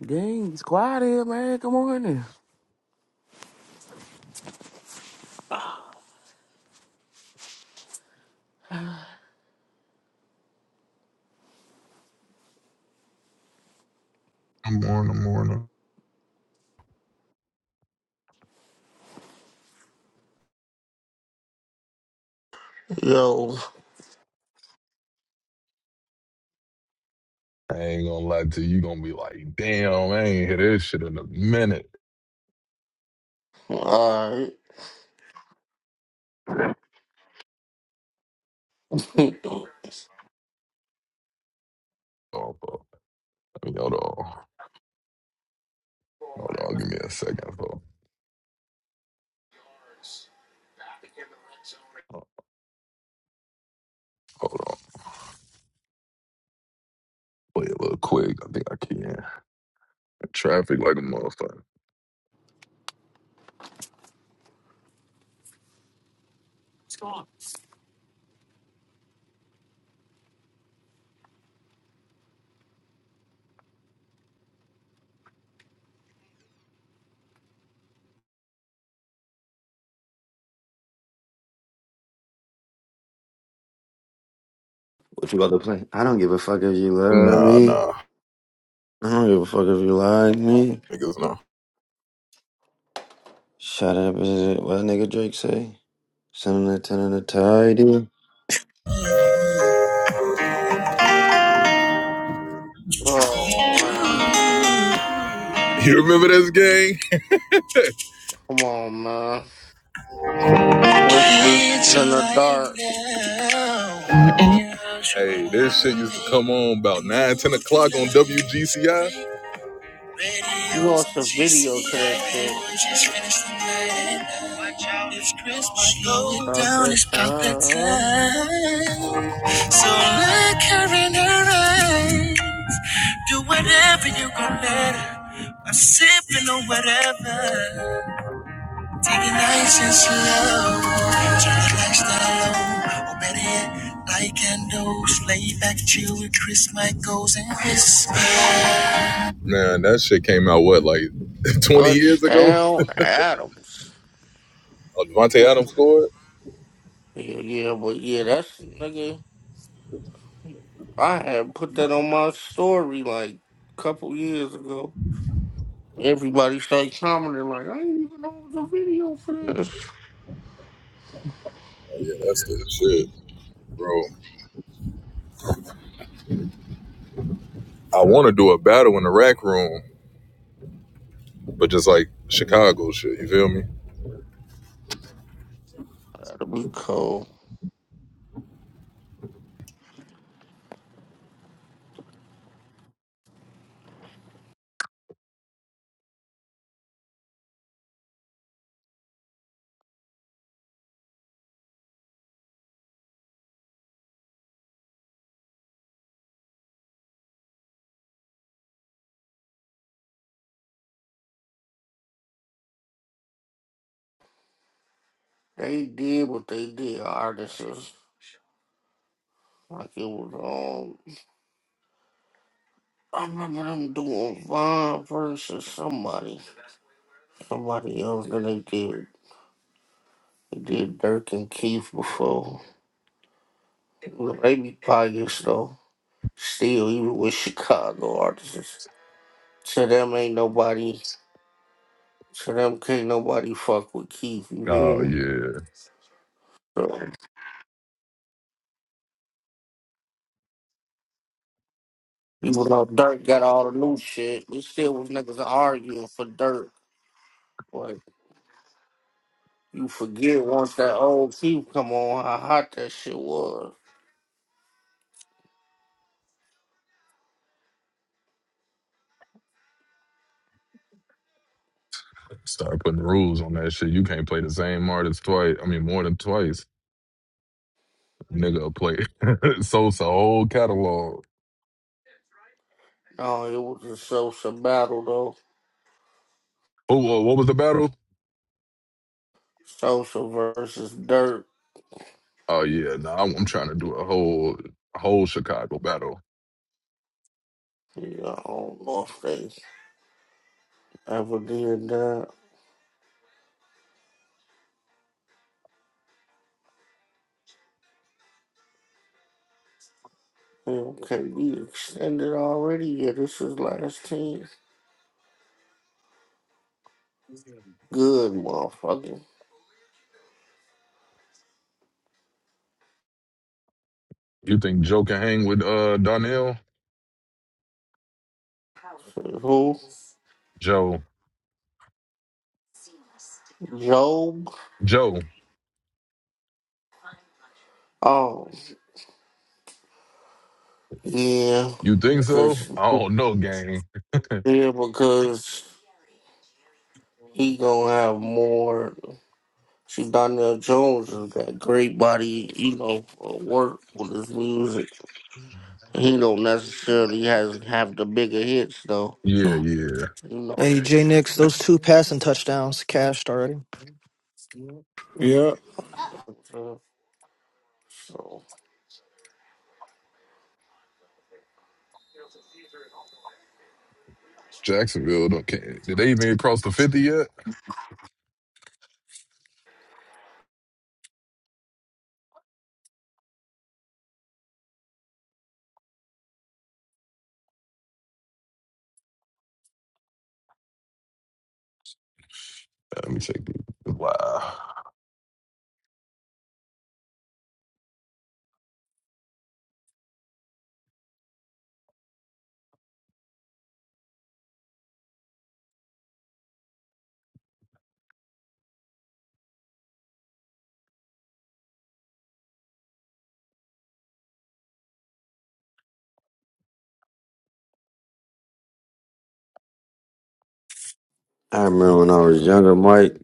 S11: Dang, it's quiet here, man. Good morning.
S4: on, I'm on.
S12: Yo,
S4: I ain't gonna lie to you. You gonna be like, damn, I ain't hear this shit in a minute.
S12: alright. oh,
S4: Oh, bro. Let me- Hold on. Hold on. Give me a second, bro. Hold on. Play a little quick. I think I can. Traffic like a motherfucker.
S10: What you about to play? I don't give a fuck if you love
S4: Nah,
S10: me.
S4: nah.
S10: I don't give a fuck if you like me.
S4: Niggas, no.
S10: Shut up, is it what nigga Drake say? Something to tell her to tidy.
S12: wow.
S4: You remember this game?
S12: Come on, man. Whispers
S4: It's
S12: in the
S4: alright
S12: dark.
S4: now. Hey, this shit used to come on about 9, 10 o'clock on WGCI. Radios on
S12: You lost a video to that
S4: GCI, man,
S12: shit.
S4: we just finished the night. and, uh, Watch out. It's Christmas. Slow it
S12: About
S4: down,
S12: that
S4: it's about that
S12: time.
S4: time. So look her in her eyes. Do whatever you gon' let her. I'm sipping on whatever. Taking nights in slow, turn that lifestyle low. Or better yet, like and those, lay back, chill with Chris Michaels and Chris. Man, that shit came out what, like 20 years ago?
S12: Touchdown Adams.
S4: Oh, Devontae Adams scored?
S12: yeah, yeah, but yeah, that's, nigga, I had put that on my story like a couple years ago. Everybody started commenting like, I didn't even know it was a video for this.
S4: Oh, Yeah, that's the shit, bro. I want to do a battle in the rack room, but just like Chicago shit, you feel me?
S12: That'll be cool. They did what they did, artists. Like it was um I remember them doing Vine versus somebody. Somebody else that they did. They did Dirk and Keith before. Well, They be biased though. Still, even with Chicago artists. To them ain't nobody to them can't nobody fuck with Keith, you hear
S4: Oh,
S12: me?
S4: yeah.
S12: So, even though Dirk got all the new shit, we still was niggas arguing for Dirk. Like you forget once that old Keith come on how hot that shit was.
S4: Start putting rules on that shit. You can't play the same artist twice. I mean, more than twice. Nigga, will play so it's a whole catalog.
S12: Oh, it was a social battle though.
S4: Oh, whoa, what was the battle?
S12: Social versus dirt.
S4: Oh yeah, no, I'm, I'm trying to do a whole whole Chicago battle.
S12: Yeah, I don't know if they ever did that. Okay, we extended already. Yeah, this is last team. Good motherfucker.
S4: You think Joe can hang with uh Donnell?
S12: Who?
S4: Joe,
S12: Job?
S4: Joe,
S12: Oh, yeah.
S4: you think so?
S12: Because
S4: I don't know, gang.
S12: yeah, because he gonna have more. See, Donnell Jones has got great body, you know, for work with his music. He don't necessarily has have the bigger hits though.
S4: Yeah, yeah.
S12: You know.
S8: Hey, J Nix, those two passing touchdowns cashed already.
S5: Yeah,
S12: So
S4: Jacksonville, don't can Did they even get across the fifty yet? Uh, Let me check. the- Wow.
S10: I remember when I was younger, Mike,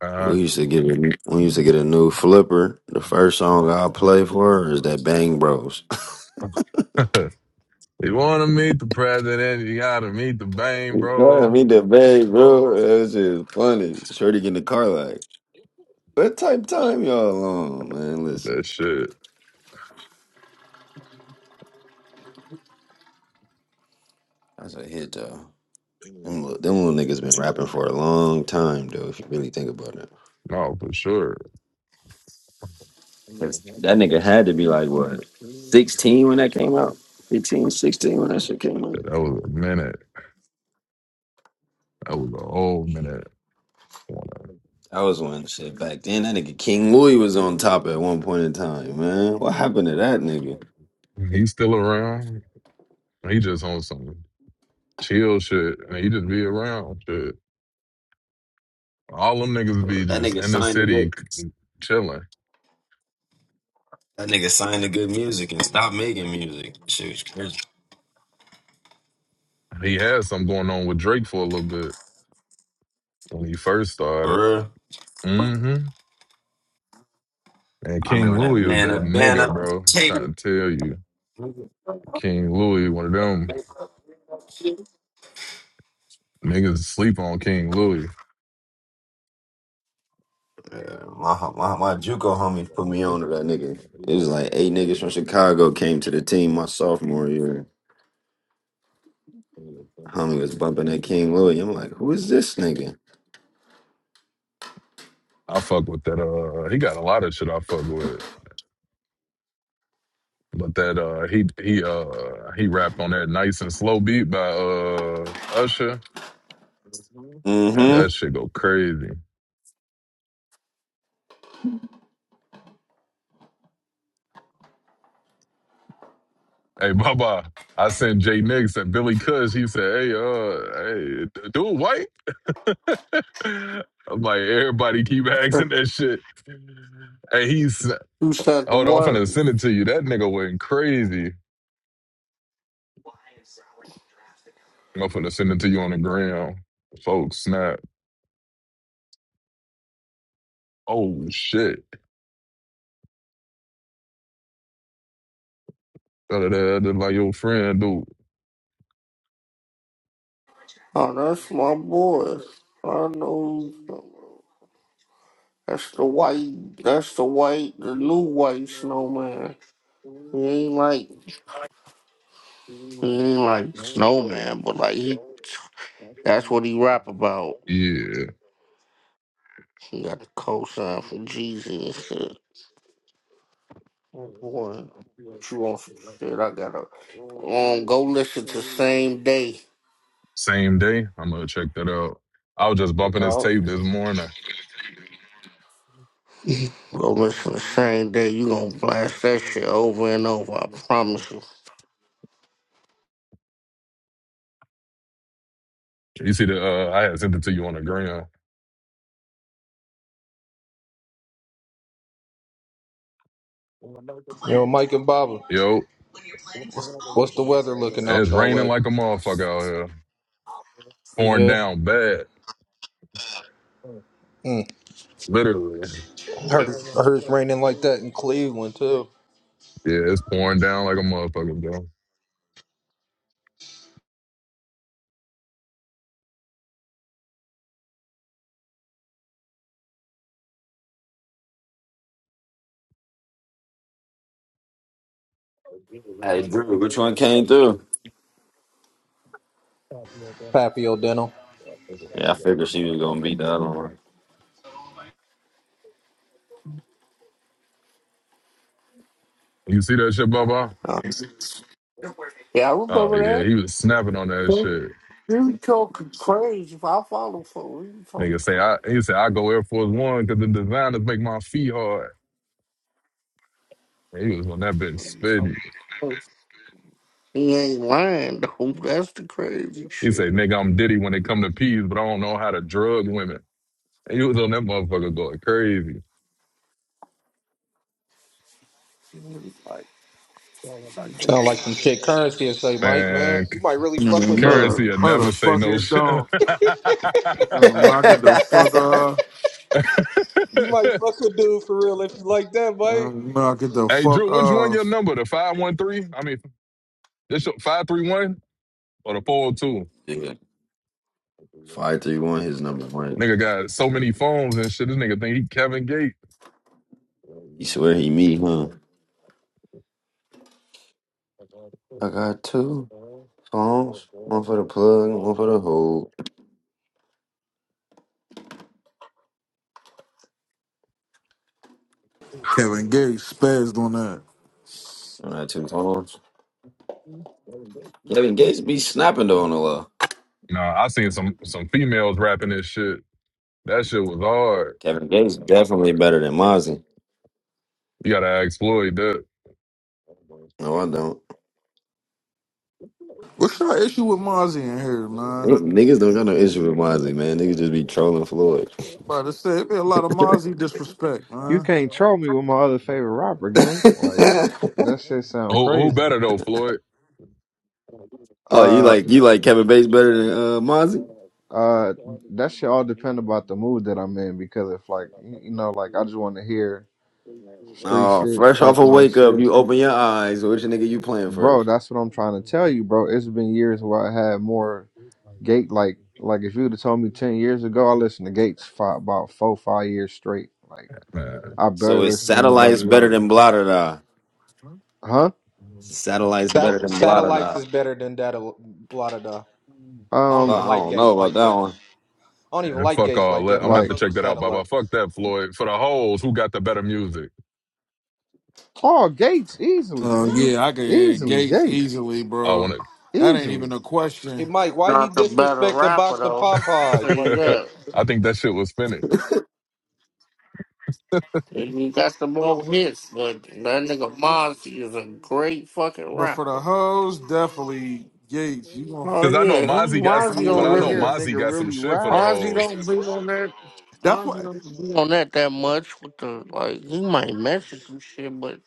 S4: Uh,
S10: we used to get a, we used to get a new flipper. The first song I play for her is that Bang Bros.
S4: you want to meet the president? You gotta meet the bang,
S10: You know what I
S4: bro.
S10: mean? The bag, bro. That's just funny. Shorty get in the car like, what type of time y'all on, man? Listen,
S4: That shit.
S10: that's a hit, though. Them little, them little niggas been rapping for a long time, though, if you really think about it.
S4: No, for sure. That
S10: 'Cause That nigga had to be like, what, 16 when that came out? 15, 16 when that shit came out?
S4: was a minute. That was a whole minute.
S10: That was when shit back then. That nigga King Louis was on top at one point in time, man. What happened to that nigga?
S4: He's still around. He just on some chill shit, and he just be around shit. All them niggas be
S10: That
S4: just
S10: nigga
S4: in the
S10: signed the
S4: city
S10: good.
S4: c- chilling.
S10: That nigga signed the good music and stopped making music. Shit was crazy.
S4: He had something going on with Drake for a little bit when he first started.
S10: For real.
S4: Mm-hmm. And
S10: I
S4: King
S10: remember that
S4: Louis was
S10: man
S4: that
S10: up,
S4: nigga,
S10: banner.
S4: bro.
S10: Take.
S4: trying to tell you,
S10: Yeah,
S4: King Louis, one of them niggas sleep on King Louis.
S10: my, my my JUCO homies put me on to that nigga. It was like eight niggas from Chicago came to the team my sophomore year. Homie was bumping that King Louis. I'm like, who is this nigga?
S4: I fuck with that. Uh, he got a lot of shit I fuck with, but that uh, he he uh he rapped on that nice and slow beat by uh Usher, and
S10: Mm-hmm.
S4: that shit go crazy. Hey, Bubba, I sent Jay Nix and Billy Cush. He said, "Hey, uh, hey, d- dude, white." I'm like, everybody keep asking that shit. Hey, he's
S12: who said the
S4: hold on. I'm
S12: word?
S4: finna send it to you. That nigga went crazy. I'm finna send it to you on the ground, folks. Snap. Oh shit. Da-da-da, That's like your friend, dude.
S12: Oh, that's my boy. I know that's the white that's the white the new white snowman. He ain't like he ain't like snowman, but like he that's what he rap about.
S4: Yeah.
S12: He got the cosign for Jeezy and shit. Oh, boy. What you want some shit? I gotta um go listen to same day.
S4: Same day. I'm gonna check that out. I was just bumping his
S12: Oh,
S4: tape this morning.
S12: go listen the same day. You gonna blast that shit over and over. I promise you.
S4: You see the? Uh, I had sent it to you on the ground.
S13: Yo, Mike and Baba.
S4: Yo,
S13: What's, what's the weather looking out
S4: it's
S13: y'all
S4: raining
S13: way?
S4: like a motherfucker out here. pouring
S13: Yeah.
S4: down bad,
S13: Mm.
S4: literally.
S13: I, heard, I heard it's raining like that in Cleveland, too.
S4: Yeah, it's pouring down like a motherfucker, bro.
S10: Hey Drew, which one came through?
S13: Papio Dental.
S10: Yeah, I figured she was gonna beat the other one.
S4: You see that shit, Bubba?
S12: Uh, yeah, I
S4: Oh
S12: remember
S4: yeah,
S12: that.
S4: he was snapping on that
S12: You
S4: shit.
S12: you talking crazy? If I follow for you,
S4: Nigga
S12: talking
S4: say
S12: crazy.
S4: I he said I go Air Force One because the designers make my feet hard. And he was on that bitch
S12: You talking
S4: spitting.
S12: crazy. He ain't lying though. That's the crazy
S4: He say,
S12: shit.
S4: nigga, I'm Diddy when it come to peas, but I don't know how to drug women. And he was on that motherfucker going crazy.
S12: Like, like
S13: Sound like
S12: this.
S13: some shit currency and say, Mike, man.
S4: Man,
S13: You might really fuck
S5: Nigga,
S13: with
S5: no,
S13: dude.
S4: currency
S5: the
S4: will
S5: no,
S4: never
S5: the
S4: say
S5: fuck
S4: no
S5: it
S4: shit.
S5: don't. Uh, Knock it the fuck off.
S13: You might fuck with dude for real if you like that,
S5: Uh,
S13: Mike.
S5: Knock it the
S4: hey,
S5: fuck
S4: Drew, which one your
S5: off.
S4: number? The 513? I mean, this your 531 or the 402?
S10: yeah. Five three one his number one.
S4: Nigga got so many phones and shit. This nigga think he Kevin Gates.
S10: You swear he me, huh? I got two phones. One for the plug, one for the hole.
S5: Kevin Gates spazzed on that.
S10: I got two phones. Kevin Gates be snapping though on the low.
S4: Nah, I seen some some females rapping this shit. That shit was hard.
S10: Kevin Gates definitely better than Mozzie.
S4: You gotta ask Floyd that.
S10: No, I don't.
S5: What's your issue with Mozzie in here, man?
S10: Niggas don't got no issue with Mozzie, man. Niggas just be trolling Floyd.
S5: About to say, it be a lot of Mozzie disrespect,
S14: You
S5: man.
S14: can't troll me with my other favorite rapper, gang. Like that shit sound
S4: Who, who
S14: crazy.
S4: better though, Floyd?
S10: oh, you
S14: Uh,
S10: like you like Kevin Bates better than uh, Mozzie?
S14: uh, that shit all depend about the mood that I'm in because if like y- you know, like I just want to hear street
S10: Oh,
S14: shit,
S10: fresh off a
S14: talking that
S10: wake up,
S14: shit,
S10: you open your eyes. Which nigga you playing
S14: bro.
S10: first?
S14: That's what I'm trying to tell you, bro. It's been years where I had more gate like like if you'd have told me ten years ago, I listened to Gates for about four five years straight. Like
S4: Man.
S14: I
S10: So
S14: barely
S10: is
S14: listened to
S10: satellites
S14: anybody
S10: better
S14: else,
S10: than blotter da?
S14: huh?
S10: Satellites better
S13: Sat-
S10: than blotter
S13: satellites
S10: da?
S13: is better than that, blah, da, da. I don't
S10: Oh,
S14: Um,
S10: I
S13: even like
S10: don't
S13: gates
S10: know about
S13: like
S10: that
S13: that.
S10: one.
S13: I don't even
S4: And
S13: like
S4: fuck
S13: gates
S4: all
S13: like
S4: that. I'm
S13: that, but
S4: gonna
S13: I
S4: have
S14: like.
S4: to
S13: fuck
S4: check
S13: with
S4: that out, Baba.
S13: satellite.
S4: Fuck that, Floyd. For the hoes, who got the better music?
S14: Oh, Gates easily,
S5: Oh
S14: nigga.
S5: yeah, I could get
S14: Easily,
S5: Gates
S14: Gates.
S5: easily,
S4: I
S5: bro.
S4: want
S5: That ain't
S14: Easily.
S5: even a question.
S13: Hey, Mike, why he
S12: Not the better
S13: disrespect the
S12: rapper
S13: box of
S12: though. I'll tell
S13: Popeyes
S12: you
S13: like
S4: to.
S13: that?
S12: that.
S4: I think that shit was finished.
S12: He he got the more hits, but that nigga Mozzie is a great fucking
S5: But for
S12: rapper.
S5: the hoes, definitely Gates. You gonna
S12: Oh
S4: Cause I know
S12: yeah, he
S4: Mozzie got,
S12: why
S4: s-
S12: is he
S14: I
S4: but
S12: don't
S14: want
S4: I
S14: to
S4: know
S12: really
S14: hear
S5: yeah.
S14: a
S4: Mozzie
S14: nigga
S4: got some
S14: really
S4: shit for the
S14: rap.
S12: why is he don't
S4: hoes.
S12: be on that
S5: That's
S12: why is he
S5: why.
S12: don't be on that that much with the like he might message some shit but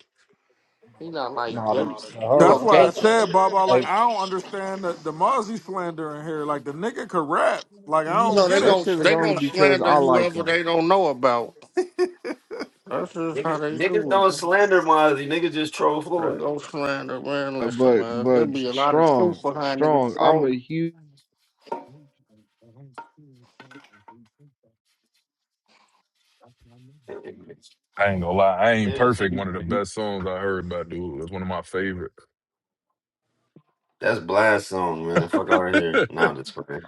S12: he not like
S13: Nah, the,
S12: Gates.
S13: the
S12: You know
S5: That's
S13: hoes.
S5: why I
S13: uh,
S12: Gates
S5: said, Baba. Like
S13: Like,
S5: I don't understand the, the Mozzie slander in here. Like the nigga could rap. Like I
S12: you
S5: don't
S12: know
S5: get
S12: they
S14: That
S5: it.
S12: gon'
S14: shit is
S12: they
S14: only
S12: gon'
S14: because
S12: slander
S14: I like
S12: whoever
S14: him.
S12: they don't know about. That's just how
S10: Niggas,
S12: they
S10: niggas
S12: do it.
S10: don't
S12: man.
S10: slander Mozzie. Niggas just troll
S12: They
S10: Floyd.
S12: gon' slander man,
S14: Uh,
S12: listen
S14: But
S12: man. There'll
S14: but
S12: be a lot of
S14: strong,
S12: truth behind
S14: strong.
S12: niggas
S14: I'm a
S12: throwing
S14: huge
S4: I ain't gonna lie, I ain't
S10: Yeah, so
S4: perfect. One of the
S10: you.
S4: best songs I heard by dude. It's one of my favorite.
S10: That's Blast song, man. Fuck out of here. Nah, I'm just fucking.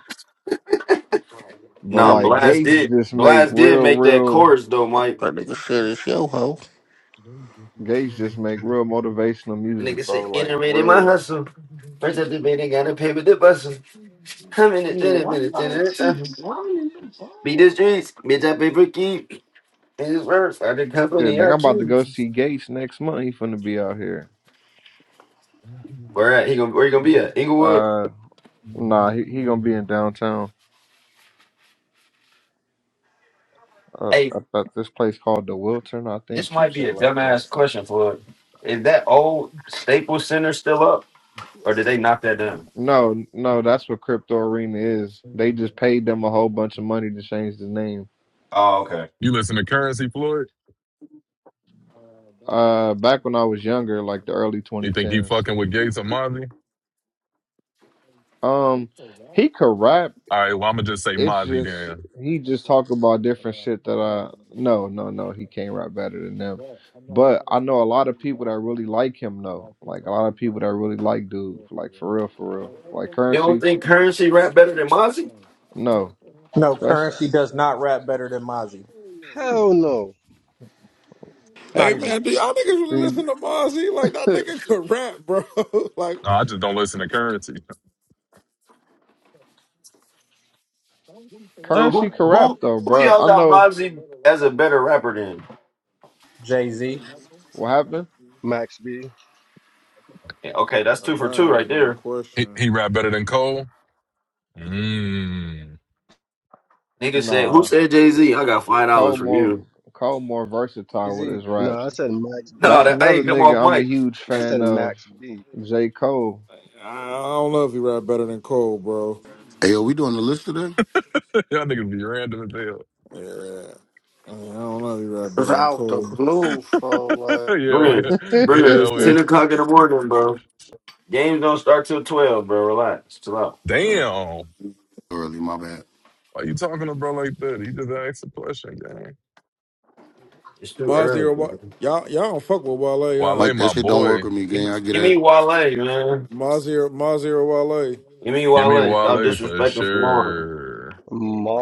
S14: but
S10: Nah,
S12: that
S14: like
S12: niggas
S10: Blast
S14: Gates
S10: did.
S14: just make
S10: Blast did
S14: real,
S10: make that
S14: real
S10: chorus though, Mike.
S12: that nigga shit is yo ho.
S14: Gates just make real motivational
S10: The
S14: music,
S10: nigga said,
S14: bro. Like
S10: "Intermittent my
S14: real
S10: hustle. First up the bed, I gotta pay with the bustle. I'm in it,
S12: Yeah,
S10: in it,
S12: why
S10: in
S12: you
S10: it,
S12: gotta
S10: it. uh,
S12: keep running the
S10: Beat the
S12: ball?
S10: streets, bitch. I pay for keep. In his words, I the
S14: shit.
S10: company I
S14: Nigga, I'm about to
S10: keep.
S14: go see Gates next month. He finna be out here.
S10: Where at? He gonna where you gonna be at? Inglewood.
S14: Uh nah, he, he gonna be in downtown. Uh,
S10: Hey,
S14: up at this place called the Wilton, I
S10: this
S14: think, some
S10: might be
S14: shit
S10: a
S14: like that.
S10: dumbass question for. Is that old Staples Center still up, or did they knock that down?
S14: No, no, that's what Crypto Arena is. They just paid them a whole bunch of money to change the name.
S10: Oh, okay.
S4: you listen to Currency, Floyd?
S14: Uh, back when I was younger, like the early
S4: You think he
S14: 2010s.
S4: fucking with Gates or Mozzie?
S14: Um, he could rap.
S4: All right, well I'm gonna just say
S14: It's
S4: Mozzie
S14: just
S4: then.
S14: he just talk about different shit that I no, no, no. He can't rap better than them. But I know a lot of people that really like him though. Like a lot of people that really like dude. Like for real, for real. Like
S10: You don't
S14: currency,
S10: think currency rap better than Mozzie?
S14: no.
S13: no,
S14: Especially
S13: currency does not rap better than Mozzie. It's
S15: Hell no,
S13: not
S5: Hey
S13: even
S5: man, do y'all niggas really listen to Mozzie? Like that nigga could rap, bro.
S4: No,
S5: like
S4: I just don't listen to Currency.
S10: So
S14: currency
S10: who
S14: can rap
S10: who
S14: though,
S10: who
S14: bro.
S10: y'all
S14: I
S10: got
S14: know
S10: Mozzie as a better rapper than?
S13: Jay Z.
S14: what happened.
S15: Max B.
S10: Yeah, okay, that's
S5: oh,
S10: two for
S5: that
S10: two
S5: ain't
S10: right
S5: even a
S10: there.
S4: He,
S5: question.
S4: he rap better than Cole. Mm.
S10: Nigga said,
S14: Nah.
S10: "Who said Jay Z? I got five
S14: Cole
S10: dollars for
S14: more
S10: you."
S14: Cole more
S13: Jay
S14: versatile with
S13: Z.
S14: his
S15: No, I
S14: raps.
S15: said Max
S10: No,
S14: That's
S15: B.
S10: that I
S14: another
S10: ain't come off
S14: nigga I'm a
S10: mic.
S14: huge
S15: I
S14: fan
S15: said
S14: of.
S15: Max B.
S14: J. Cole.
S5: I, I don't know if he rap better than Cole, bro.
S1: Hey, yo, we doing the list today?
S4: Y'all niggas be random as hell.
S5: Yeah, I don't know if he rap
S12: It's
S5: better than
S12: out the
S5: Cole.
S12: blue, for
S4: yeah,
S12: like
S4: yeah,
S10: Brim, Brim,
S4: yeah.
S10: it's
S4: we-
S10: ten o'clock in the morning, bro. Games don't start till twelve, bro. Relax, chill out. Bro.
S4: Damn.
S1: Early, my bad.
S4: Why you talking to bro like that? He just asked a question, gang.
S10: It's too early,
S5: Mazir, Wa-
S10: man.
S5: y'all y'all don't fuck with Wale, uh,
S4: Wale,
S1: Mike, that
S4: my
S1: shit don't work
S4: boy.
S1: with me,
S10: Give
S1: gang.
S10: me
S1: I get
S10: give
S1: that.
S10: me Wale, man.
S5: Mazir, Mazir Wale.
S10: Give me
S4: Give me
S10: Wale. Stop
S4: Wale for
S10: disrespecting Lauren.
S4: sure.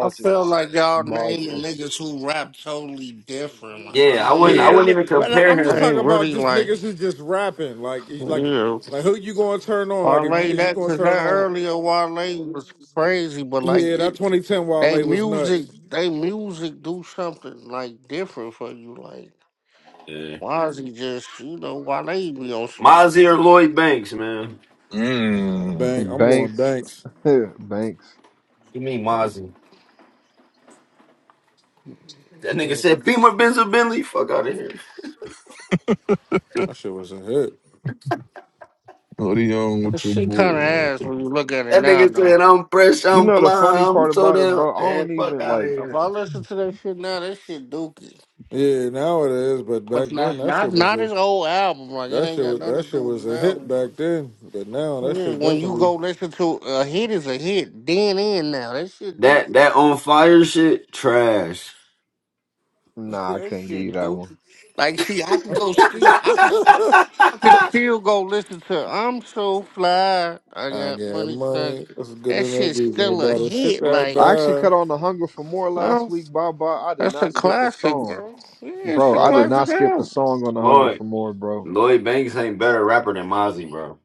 S12: I feel like y'all
S15: Moses.
S12: naming niggas who rap totally different. Like
S10: Yeah,
S12: it
S10: I wouldn't.
S12: ain't,
S5: Yeah,
S10: I
S12: yeah.
S10: wouldn't
S5: them,
S10: even
S5: but I-
S10: compare
S5: I'm just
S10: him.
S5: talking
S12: ain't
S5: about
S12: really
S5: just
S12: like
S5: niggas who just rapping. Like, you-
S12: yeah.
S5: like, like who you gonna turn on? Like, if you
S12: Wale
S5: is you
S12: that
S5: gonna
S12: cause
S5: turn
S12: that
S5: on?
S12: earlier Wale was crazy, but like
S5: Yeah, that
S12: it
S5: 2010
S12: they
S5: Wale was
S12: music
S5: nuts.
S12: they music do something like different for you. Like
S10: Yeah.
S12: why is he just you know, Wale be on some
S10: Mozzie or Lloyd Banks, man.
S4: Mm.
S5: Bank. I'm going
S14: Banks.
S5: Banks.
S14: Banks.
S10: Give me Mozzie. That nigga said, Beamer Benzo Bentley, fuck out of here.
S5: That shit was a hit.
S4: What are you on
S12: that
S4: with your
S12: shit
S4: boy,
S12: kinda ass
S4: man?
S12: when you look at it
S10: That
S12: now
S10: nigga
S12: though.
S10: said, I'm fresh,
S14: You
S10: I'm
S14: know the
S10: fly,
S14: funny part
S10: I'm so
S14: about it,
S10: down,
S14: bro, I
S10: and
S14: don't
S10: fuck
S14: even
S10: out of
S14: like
S12: If
S10: here.
S12: I listen to that shit now, that shit dookie.
S5: Yeah, now it is, but back
S12: But
S5: then
S12: not
S5: that
S12: not
S5: shit was
S12: not
S5: a
S12: his old album. Like it
S5: that
S12: ain't
S5: shit
S12: got
S5: was that
S12: nothing to do
S5: shit
S12: with
S5: was
S12: his
S5: a hit
S12: album.
S5: back then. But now that
S12: When
S5: shit
S12: when you
S5: definitely.
S12: go listen to a hit is a hit, then in now that shit Duke,
S10: That that on fire shit, trash.
S14: nah, I
S12: that
S14: can't give you
S12: shit
S14: that
S12: Duke.
S14: one.
S12: Like see, I can go ski. I can st- I can still go listen to I'm so fly. I
S5: I
S12: got
S5: got
S12: money. Son.
S5: money. It's good
S12: That
S5: enough
S12: shit's
S5: reason
S12: still a
S5: about the shit
S12: hit.
S5: that I
S14: I
S12: Like
S14: actually
S5: buy.
S14: cut on the hunger for more last
S12: oh,
S14: week. Bye bye. I did
S12: that's a
S14: not skip a
S12: classic,
S14: song.
S12: bro. Yeah, it's
S14: Bro,
S12: a
S14: I did
S10: Lloyd,
S14: not
S12: classic
S14: skip a
S12: album.
S14: song on the hunger
S10: Lloyd
S14: for more, bro.
S10: Lloyd Banks ain't better rapper than Mozzie, bro.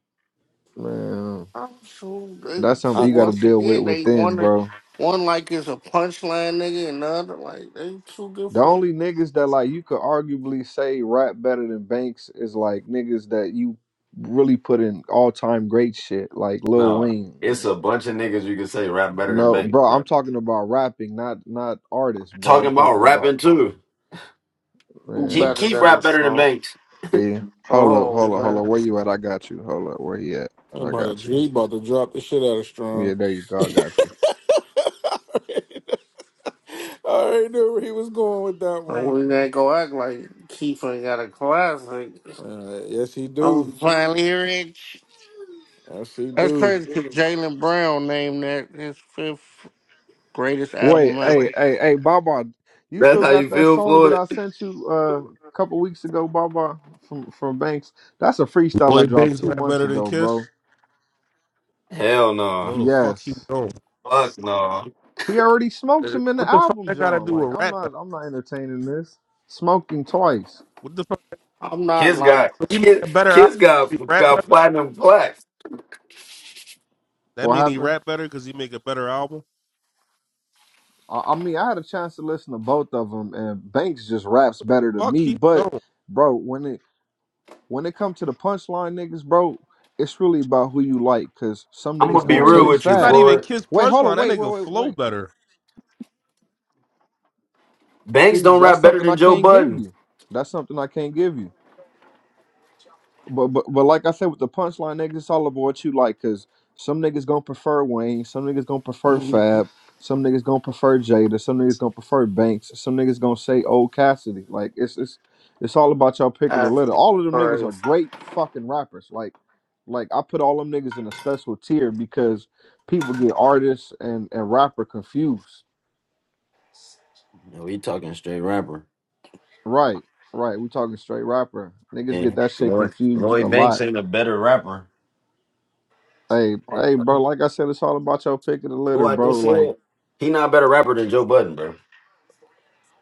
S14: Man.
S12: I'm true. They,
S14: That's
S12: true.
S5: I
S14: something you gotta
S5: think
S12: Once
S14: deal with
S12: again, they
S14: within,
S12: one
S14: bro.
S12: one like is a punchline nigga, and the other like they two
S14: The
S12: different.
S14: only niggas that like you could arguably say rap better than Banks is like niggas that you really put in all time great shit, like Lil
S10: No,
S14: Wayne.
S10: it's a
S14: And,
S10: bunch of niggas you can say rap better than
S14: no,
S10: Banks,
S14: bro, I'm
S10: bro.
S14: talking about rapping, not not artists, bro. I'm
S10: Talking about
S14: talking
S10: rapping
S14: about
S10: too.
S12: Who
S10: Keep
S14: man.
S12: better
S10: keep
S12: than them
S10: rap better than
S12: strong?
S10: Banks.
S14: See, hold up,
S12: Oh
S14: hold up, hold
S12: man,
S14: up. Where you at? I got you. Hold up, where he at?
S5: I'm
S14: I
S5: about
S14: got
S5: to
S14: you.
S5: he about to drop the shit out of
S14: Yeah,
S5: strong.
S14: there you go. I got you.
S5: I already know I already knew where he was going with that
S12: And
S5: one.
S12: we ain't gonna act like Keith ain't got a classic.
S5: Uh, yes, he
S12: I'm
S5: do.
S12: finally hearing.
S5: Yes, he
S12: That's
S5: do.
S12: crazy because Jalen Brown named that his fifth greatest
S14: Wait,
S12: album ever.
S14: hey, hey, hey, Baba, you
S10: That's
S14: still
S10: how
S14: got
S10: you
S14: that
S10: feel,
S14: song that
S10: Floyd?
S14: I sent you uh, a couple weeks ago, Baba, from from Banks? That's a freestyle I
S16: Boy,
S14: dropped
S16: Banks
S14: two
S16: rap
S14: months
S16: better than
S14: ago, bro.
S16: Kiss?
S10: Hell no.
S16: No, the fuck you
S14: Yes,
S16: don't.
S10: Fuck no.
S14: he already smoked
S16: Uh,
S14: him in the
S16: What the fuck
S14: album,
S16: that got to
S14: John.
S16: do
S14: Like
S16: with
S14: I'm
S16: rap better?
S14: not, I'm not entertaining this. Smoked him twice.
S16: What the fuck?
S12: I'm not
S10: Kids
S12: like
S10: got
S16: If he make a
S10: kids,
S16: better album,
S10: kids got
S16: he rap
S10: got
S16: better.
S10: platinum plaques.
S16: That
S14: What
S16: mean he
S14: happened?
S16: rap better because he make a better album.
S14: I, I mean, I had a chance to listen to both of them, and Banks just raps better than
S16: Fuck
S14: me.
S16: he
S14: But,
S16: don't.
S14: bro, when it when it comes to the punchline niggas, bro, it's really about who you like, cause some
S10: I'm
S16: Nigga,
S14: niggas
S10: gonna
S16: It's
S10: be
S14: gonna
S16: not
S10: real
S14: take
S16: even.
S10: with you,
S16: It's not
S14: fab.
S16: even
S10: Floyd.
S16: Kiss
S14: Wait, hold
S16: punchline.
S14: on,
S16: That
S14: wait, wait,
S16: nigga
S14: wait,
S16: flow
S14: wait.
S16: better.
S10: Banks
S14: See,
S10: don't
S14: that's
S10: rap better
S14: something I
S10: than Joe
S14: can't give
S10: Budden.
S14: you. That's something I can't give you. But but but like I said, with the punchline niggas, it's all about what you like. Cause some niggas gonna prefer Wayne, some niggas gonna prefer Fab, some niggas gonna prefer Jada, some niggas gonna prefer Banks, some niggas gonna say Old Cassidy. Like it's it's it's all about y'all picking the litter.
S12: actually
S14: All of them niggas are
S12: crazy.
S14: great fucking rappers. Like like I put all them niggas in a special tier because people get artists and and rapper confused.
S10: No, he talking straight rapper.
S14: Right, right. We talking straight rapper. Niggas get
S10: And
S14: that shit
S10: Lloyd,
S14: confused a
S10: Lloyd
S14: lot.
S10: Banks ain't a better rapper.
S14: Hey, hey,
S10: Who
S14: bro. Like I said, it's all about your pick of the litter,
S10: I
S14: bro.
S10: just
S14: Like,
S10: said he not a better rapper than Joe Budden, bro.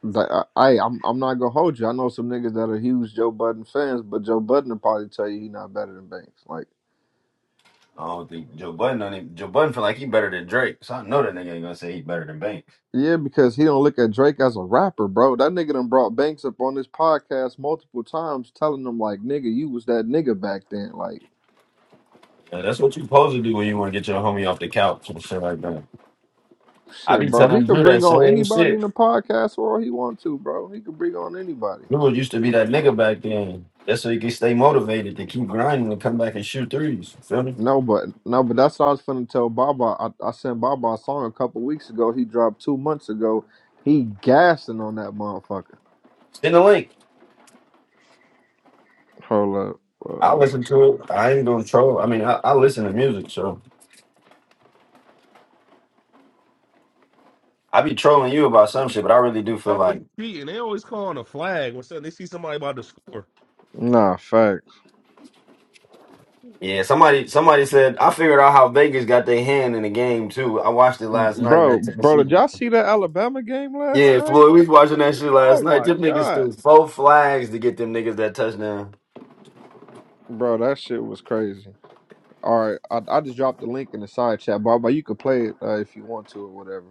S14: the, I, I- I'm, I'm not gonna hold you. I know some niggas that are huge Joe Budden fans, but Joe Budden will probably tell you he not better than Banks. Like,
S10: I don't think Joe Budden. Don't even, Joe Budden feel like he better than Drake. So I know that nigga ain't gonna say he better than Banks.
S14: yeah, because he don't look at Drake as a rapper, bro. That nigga done brought Banks up on this podcast multiple times, telling them like, nigga, you was that nigga back then. Like,
S10: Yeah, that's what you supposed to do when you want to get your homie off the couch and shit like that. I
S14: shit,
S10: be
S14: bro. He
S10: telling
S14: could
S10: Drew that
S14: bring on
S10: same
S14: anybody
S10: shit.
S14: in the podcast world he want to, bro. He could bring on anybody.
S10: Lua used to be that nigga back then. That's so he could stay motivated to keep grinding and come back and shoot threes. You Feel me?
S14: No, but no, but that's what I was finna tell Baba. I, I sent Baba a song a couple weeks ago. He dropped two months ago. He gassing on that motherfucker.
S10: Send the link.
S14: Hold up.
S10: I
S14: Uh,
S10: listen to it. I ain't gonna troll. I mean, I, I listen to music, so I be trolling you about some shit, but I really do feel
S16: Always
S10: like,
S16: cheating. They always calling a flag when some- they see somebody about to score.
S14: nah, fact,
S10: yeah, somebody somebody said I figured out how Vegas got their hand in the game too. I watched it last night in
S14: bro,
S10: that
S14: bro.
S10: Tennessee
S14: Did
S10: game.
S14: y'all see that Alabama game last
S10: Yeah,
S14: night?
S10: Floyd, we was watching that shit last
S14: Oh
S10: night.
S14: my
S10: Them niggas
S14: god,
S10: threw four flags to get them niggas that touchdown.
S14: bro, that shit was crazy. All right, I, I just dropped the link in the side chat, Baba. You can play it uh, if you want to or whatever.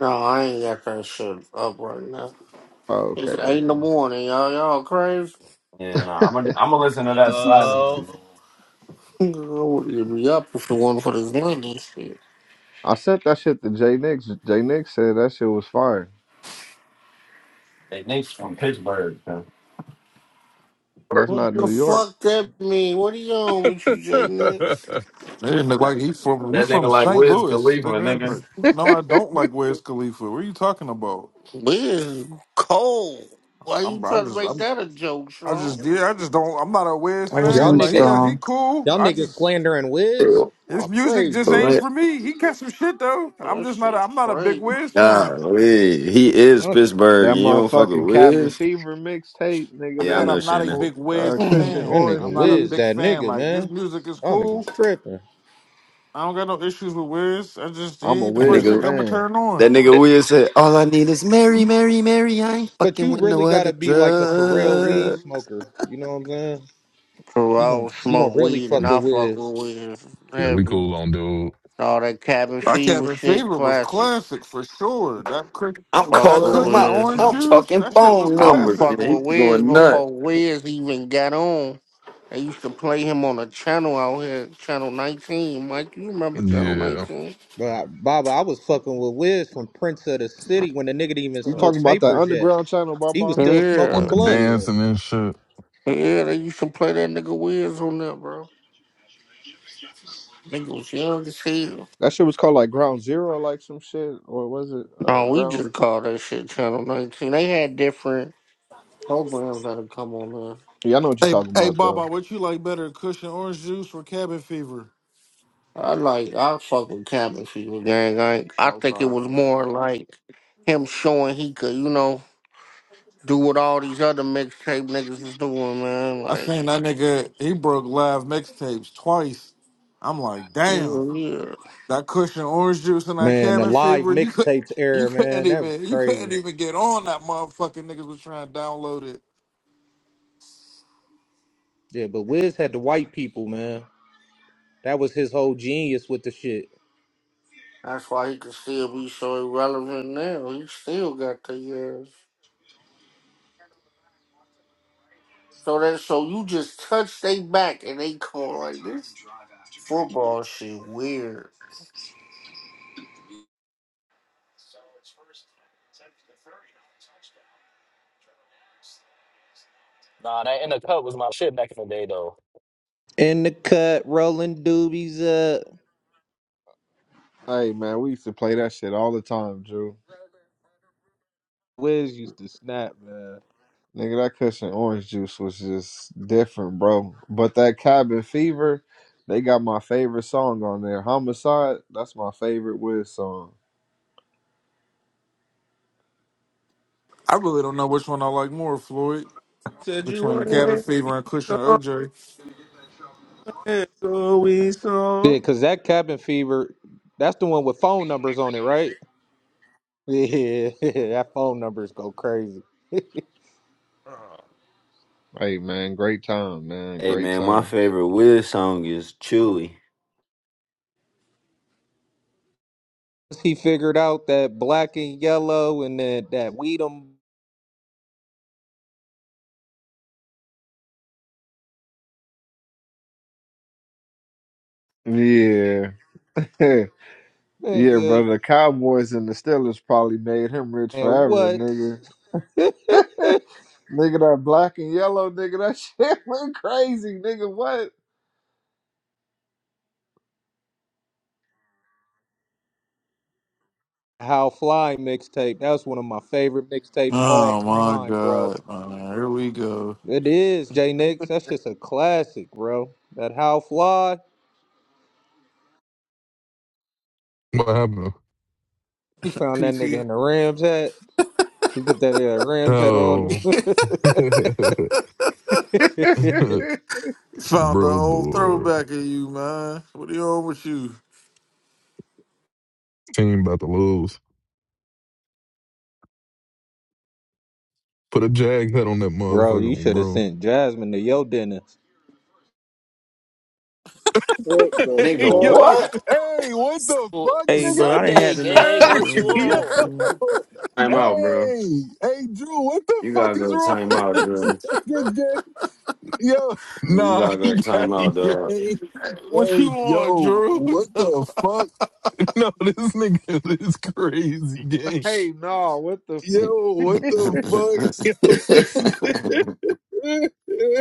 S12: No, I ain't got that shit up right now.
S14: Oh, okay,
S12: It's eight in the morning, y'all. Y'all crazy.
S10: Yeah, no, nah, I'm gonna I'm gonna listen to that silence.
S17: Yo.
S12: Nigga, I wouldn't be up if it wasn't for this London shit.
S14: I sent that shit to Jay Nix. Jay Nix said that shit was fire.
S10: They niggas from Pittsburgh.
S14: That's
S12: What
S14: not New
S12: the
S14: York.
S12: fuck that mean? What are you on with you, J Nix?
S5: It didn't look like he from you
S10: That
S5: from
S10: nigga like
S5: St.
S10: Wiz
S5: Louis,
S10: Khalifa,
S5: nigga.
S10: nigga.
S5: Like, no, I don't like Wes Khalifa. What are you talking about?
S12: Biz cold. Why
S5: I'm
S12: you
S5: I
S12: trying to
S5: just
S12: make
S5: I'm
S12: that a joke,
S5: I
S12: Sean?
S5: just did. I just don't I'm not a Wes
S7: That was
S13: Y'all
S5: fan.
S7: me
S5: Like he
S10: Hey,
S13: niggas,
S5: got
S7: strong.
S5: he cool.
S13: y'all
S5: I
S13: niggas
S5: just
S13: slandering Wiz. Oh,
S5: His music just
S13: crazy.
S5: ain't
S10: what?
S5: for me. He got some shit though.
S12: Well,
S5: I'm
S12: That
S5: just not. A,
S12: shit
S5: I'm not a big
S12: crazy.
S5: Wiz fan.
S10: Golly, he
S13: you
S10: is Pittsburgh.
S14: That
S10: and You don't fuck with
S14: motherfucking cabin
S10: Wiz?
S14: fever mixtape,
S5: I
S14: nigga.
S10: Yeah, I
S5: said
S14: That
S10: know
S5: I'm not a
S10: Shannon.
S14: or-
S5: big
S14: uh,
S5: Wiz
S12: so
S14: cushion
S13: That
S12: I
S5: fan.
S14: orange
S13: nigga
S5: I'm not a
S13: Wiz,
S5: big
S14: juice.
S13: that
S5: fan.
S13: nigga
S5: Like his
S13: man.
S5: music is
S13: Y'all
S5: cool.
S13: niggas tripping.
S5: I don't got no issues with Wiz. I just he
S14: I'm a
S5: ain't the
S10: That
S5: first
S14: Wiz
S5: nigga
S10: nigga,
S5: I'ma
S14: fan.
S5: turn on.
S10: that nigga Wiz said, "All I need is Mary, Mary, Mary. I ain't
S13: But
S10: fucking
S13: you
S10: with no
S13: really
S10: other
S13: gotta be like a for real weed
S10: drug.
S13: smoker. You know what I'm saying? You gon'
S12: don't
S13: you gonna
S12: smoke
S13: really
S12: weed and
S4: yeah,
S13: fuck
S12: I
S13: with
S12: fuck
S13: Wiz.
S12: with weed
S4: we
S12: heavy.
S4: cool on dude.
S12: All that cabin
S5: My
S12: fever
S5: cabin
S12: shit,
S5: fever was
S12: classics.
S5: classic for sure. That cr-
S10: I'm
S12: Fuck
S5: that
S10: calling him
S5: cushion
S10: up.
S12: with
S5: orange
S12: weed.
S10: I'm
S5: juice.
S10: talking
S5: That shit was
S10: phone
S12: I was
S10: numbers.
S5: classic.
S12: fucking
S10: Yeah,
S12: with
S10: he's
S12: Wiz
S10: going nuts."
S12: before Wiz even got on. They used to play him on a channel out here, Channel 19. Mike, you remember Channel
S4: Yeah.
S12: 19?
S13: But I, Baba, I was fucking with Wiz from Prince of the City when the nigga didn't even
S14: You talking
S13: smoke
S14: about that
S13: papers yet.
S14: underground channel,
S13: He was
S14: Baba?
S13: still
S4: With
S13: smoking
S4: the
S12: Yeah.
S13: blunts.
S14: Yeah,
S4: dancing and shit.
S12: Yeah, they used to play that nigga Wiz on there, bro. Nigga was young as hell.
S14: that shit was called like Ground Zero, or like some shit, or was it uh,
S12: No, we
S14: Ground?
S12: just called that shit Channel 19. They had different programs that would come on there.
S14: Yeah, I know what you
S5: Hey,
S14: talking
S5: hey,
S14: about though.
S5: Baba, what you like better, cushion orange juice or cabin fever?
S12: I like, I fuck with Cabin Fever Gang. Like, I think it
S5: Okay.
S12: was more like him showing he could, you know. do what all these other mixtape niggas is doing, man.
S5: I
S12: Like,
S5: seen that nigga, he broke live mixtapes twice. I'm like, damn,
S12: yeah, yeah.
S5: that cushion orange juice and that
S13: Man, the
S5: cabin
S13: live
S5: fever, you could
S13: mixtapes
S5: you
S13: era,
S5: couldn't
S13: man, that was
S5: even you couldn't
S13: crazy.
S5: even get on that motherfucking niggas was trying to download it.
S13: Yeah, but Wiz had the white people, man. That was his whole genius with the shit.
S12: That's why he can still be so irrelevant now. He still got the years. So that so you just touch they back and they call like this football shit weird.
S17: Nah, that in the cup was my shit back in the day though.
S13: In the cut, rolling doobies up.
S14: Hey man, we used to play that shit all the time, Drew.
S13: Wiz used to snap, man.
S14: Nigga, that cushion orange juice was just different, bro. But that cabin fever, they got my favorite song on there. Homicide, that's my favorite Wiz song.
S5: I really don't know which one I like more, Floyd.
S16: Said you
S5: Between
S16: want
S5: cabin fever and cushion
S16: to
S5: OJ.
S16: song, we
S13: Yeah,
S16: song.
S13: cause that cabin fever, that's the one with phone numbers on it, right? Yeah, that phone numbers go crazy.
S16: Uh,
S14: Hey man, great time, man.
S10: Hey
S14: Great
S10: man, my
S14: time.
S10: favorite Wiz song is Chewy.
S13: Once he figured out that black and yellow and that that weedum,
S14: Yeah. yeah, bro.
S13: nigga,
S14: The Cowboys and the Steelers probably made him rich
S13: and
S14: forever,
S13: what?
S14: nigga. Nigga, that black and yellow, nigga, that shit went crazy, nigga. What?
S13: How Fly mixtape. That was one of my favorite mixtapes all
S5: Oh my
S13: time, bro.
S5: god, man. Here we go.
S13: It is, J Nix. That's just a classic, bro. That How Fly.
S4: What happened?
S13: He found that nigga
S5: PT
S13: in the Rams hat. He put that uh, Rams hat on
S4: Oh.
S13: him.
S5: found the
S4: bro
S5: old
S4: boy.
S5: throwback of you, man. What are you on with you?
S4: Team about to lose. Put a jag head on that
S13: bro,
S4: motherfucker,
S13: you should have
S4: bro.
S13: sent Jasmine to your dinner.
S3: What the
S4: Hey,
S10: Nigga,
S3: fuck?
S4: yo.
S10: what?
S4: Hey, what the
S17: Ooh,
S4: fuck,
S11: Hey, bro,
S4: nigga?
S11: I done
S17: Sunday,
S11: had enough
S17: gang,
S11: for the
S17: what
S4: Hey,
S17: you
S11: room today,
S17: on?
S11: fool.
S4: yo.
S10: time out, bro.
S4: Hey, hey, Drew, what the
S10: You
S4: fuck
S10: gotta
S4: is
S10: go
S4: wrong
S10: time out,
S4: with this
S10: bro.
S4: nigga gang? Yo,
S10: You
S4: nah,
S10: gotta
S4: he
S10: go
S4: got
S10: time out,
S4: it, gang.
S10: dog.
S5: What you
S4: Hey,
S5: on,
S4: yo,
S5: Drew?
S4: what the fuck? No, this nigga is crazy, gang.
S14: hey, no, what the
S10: Right.
S4: Yo, what the fuck? Yo, this nigga.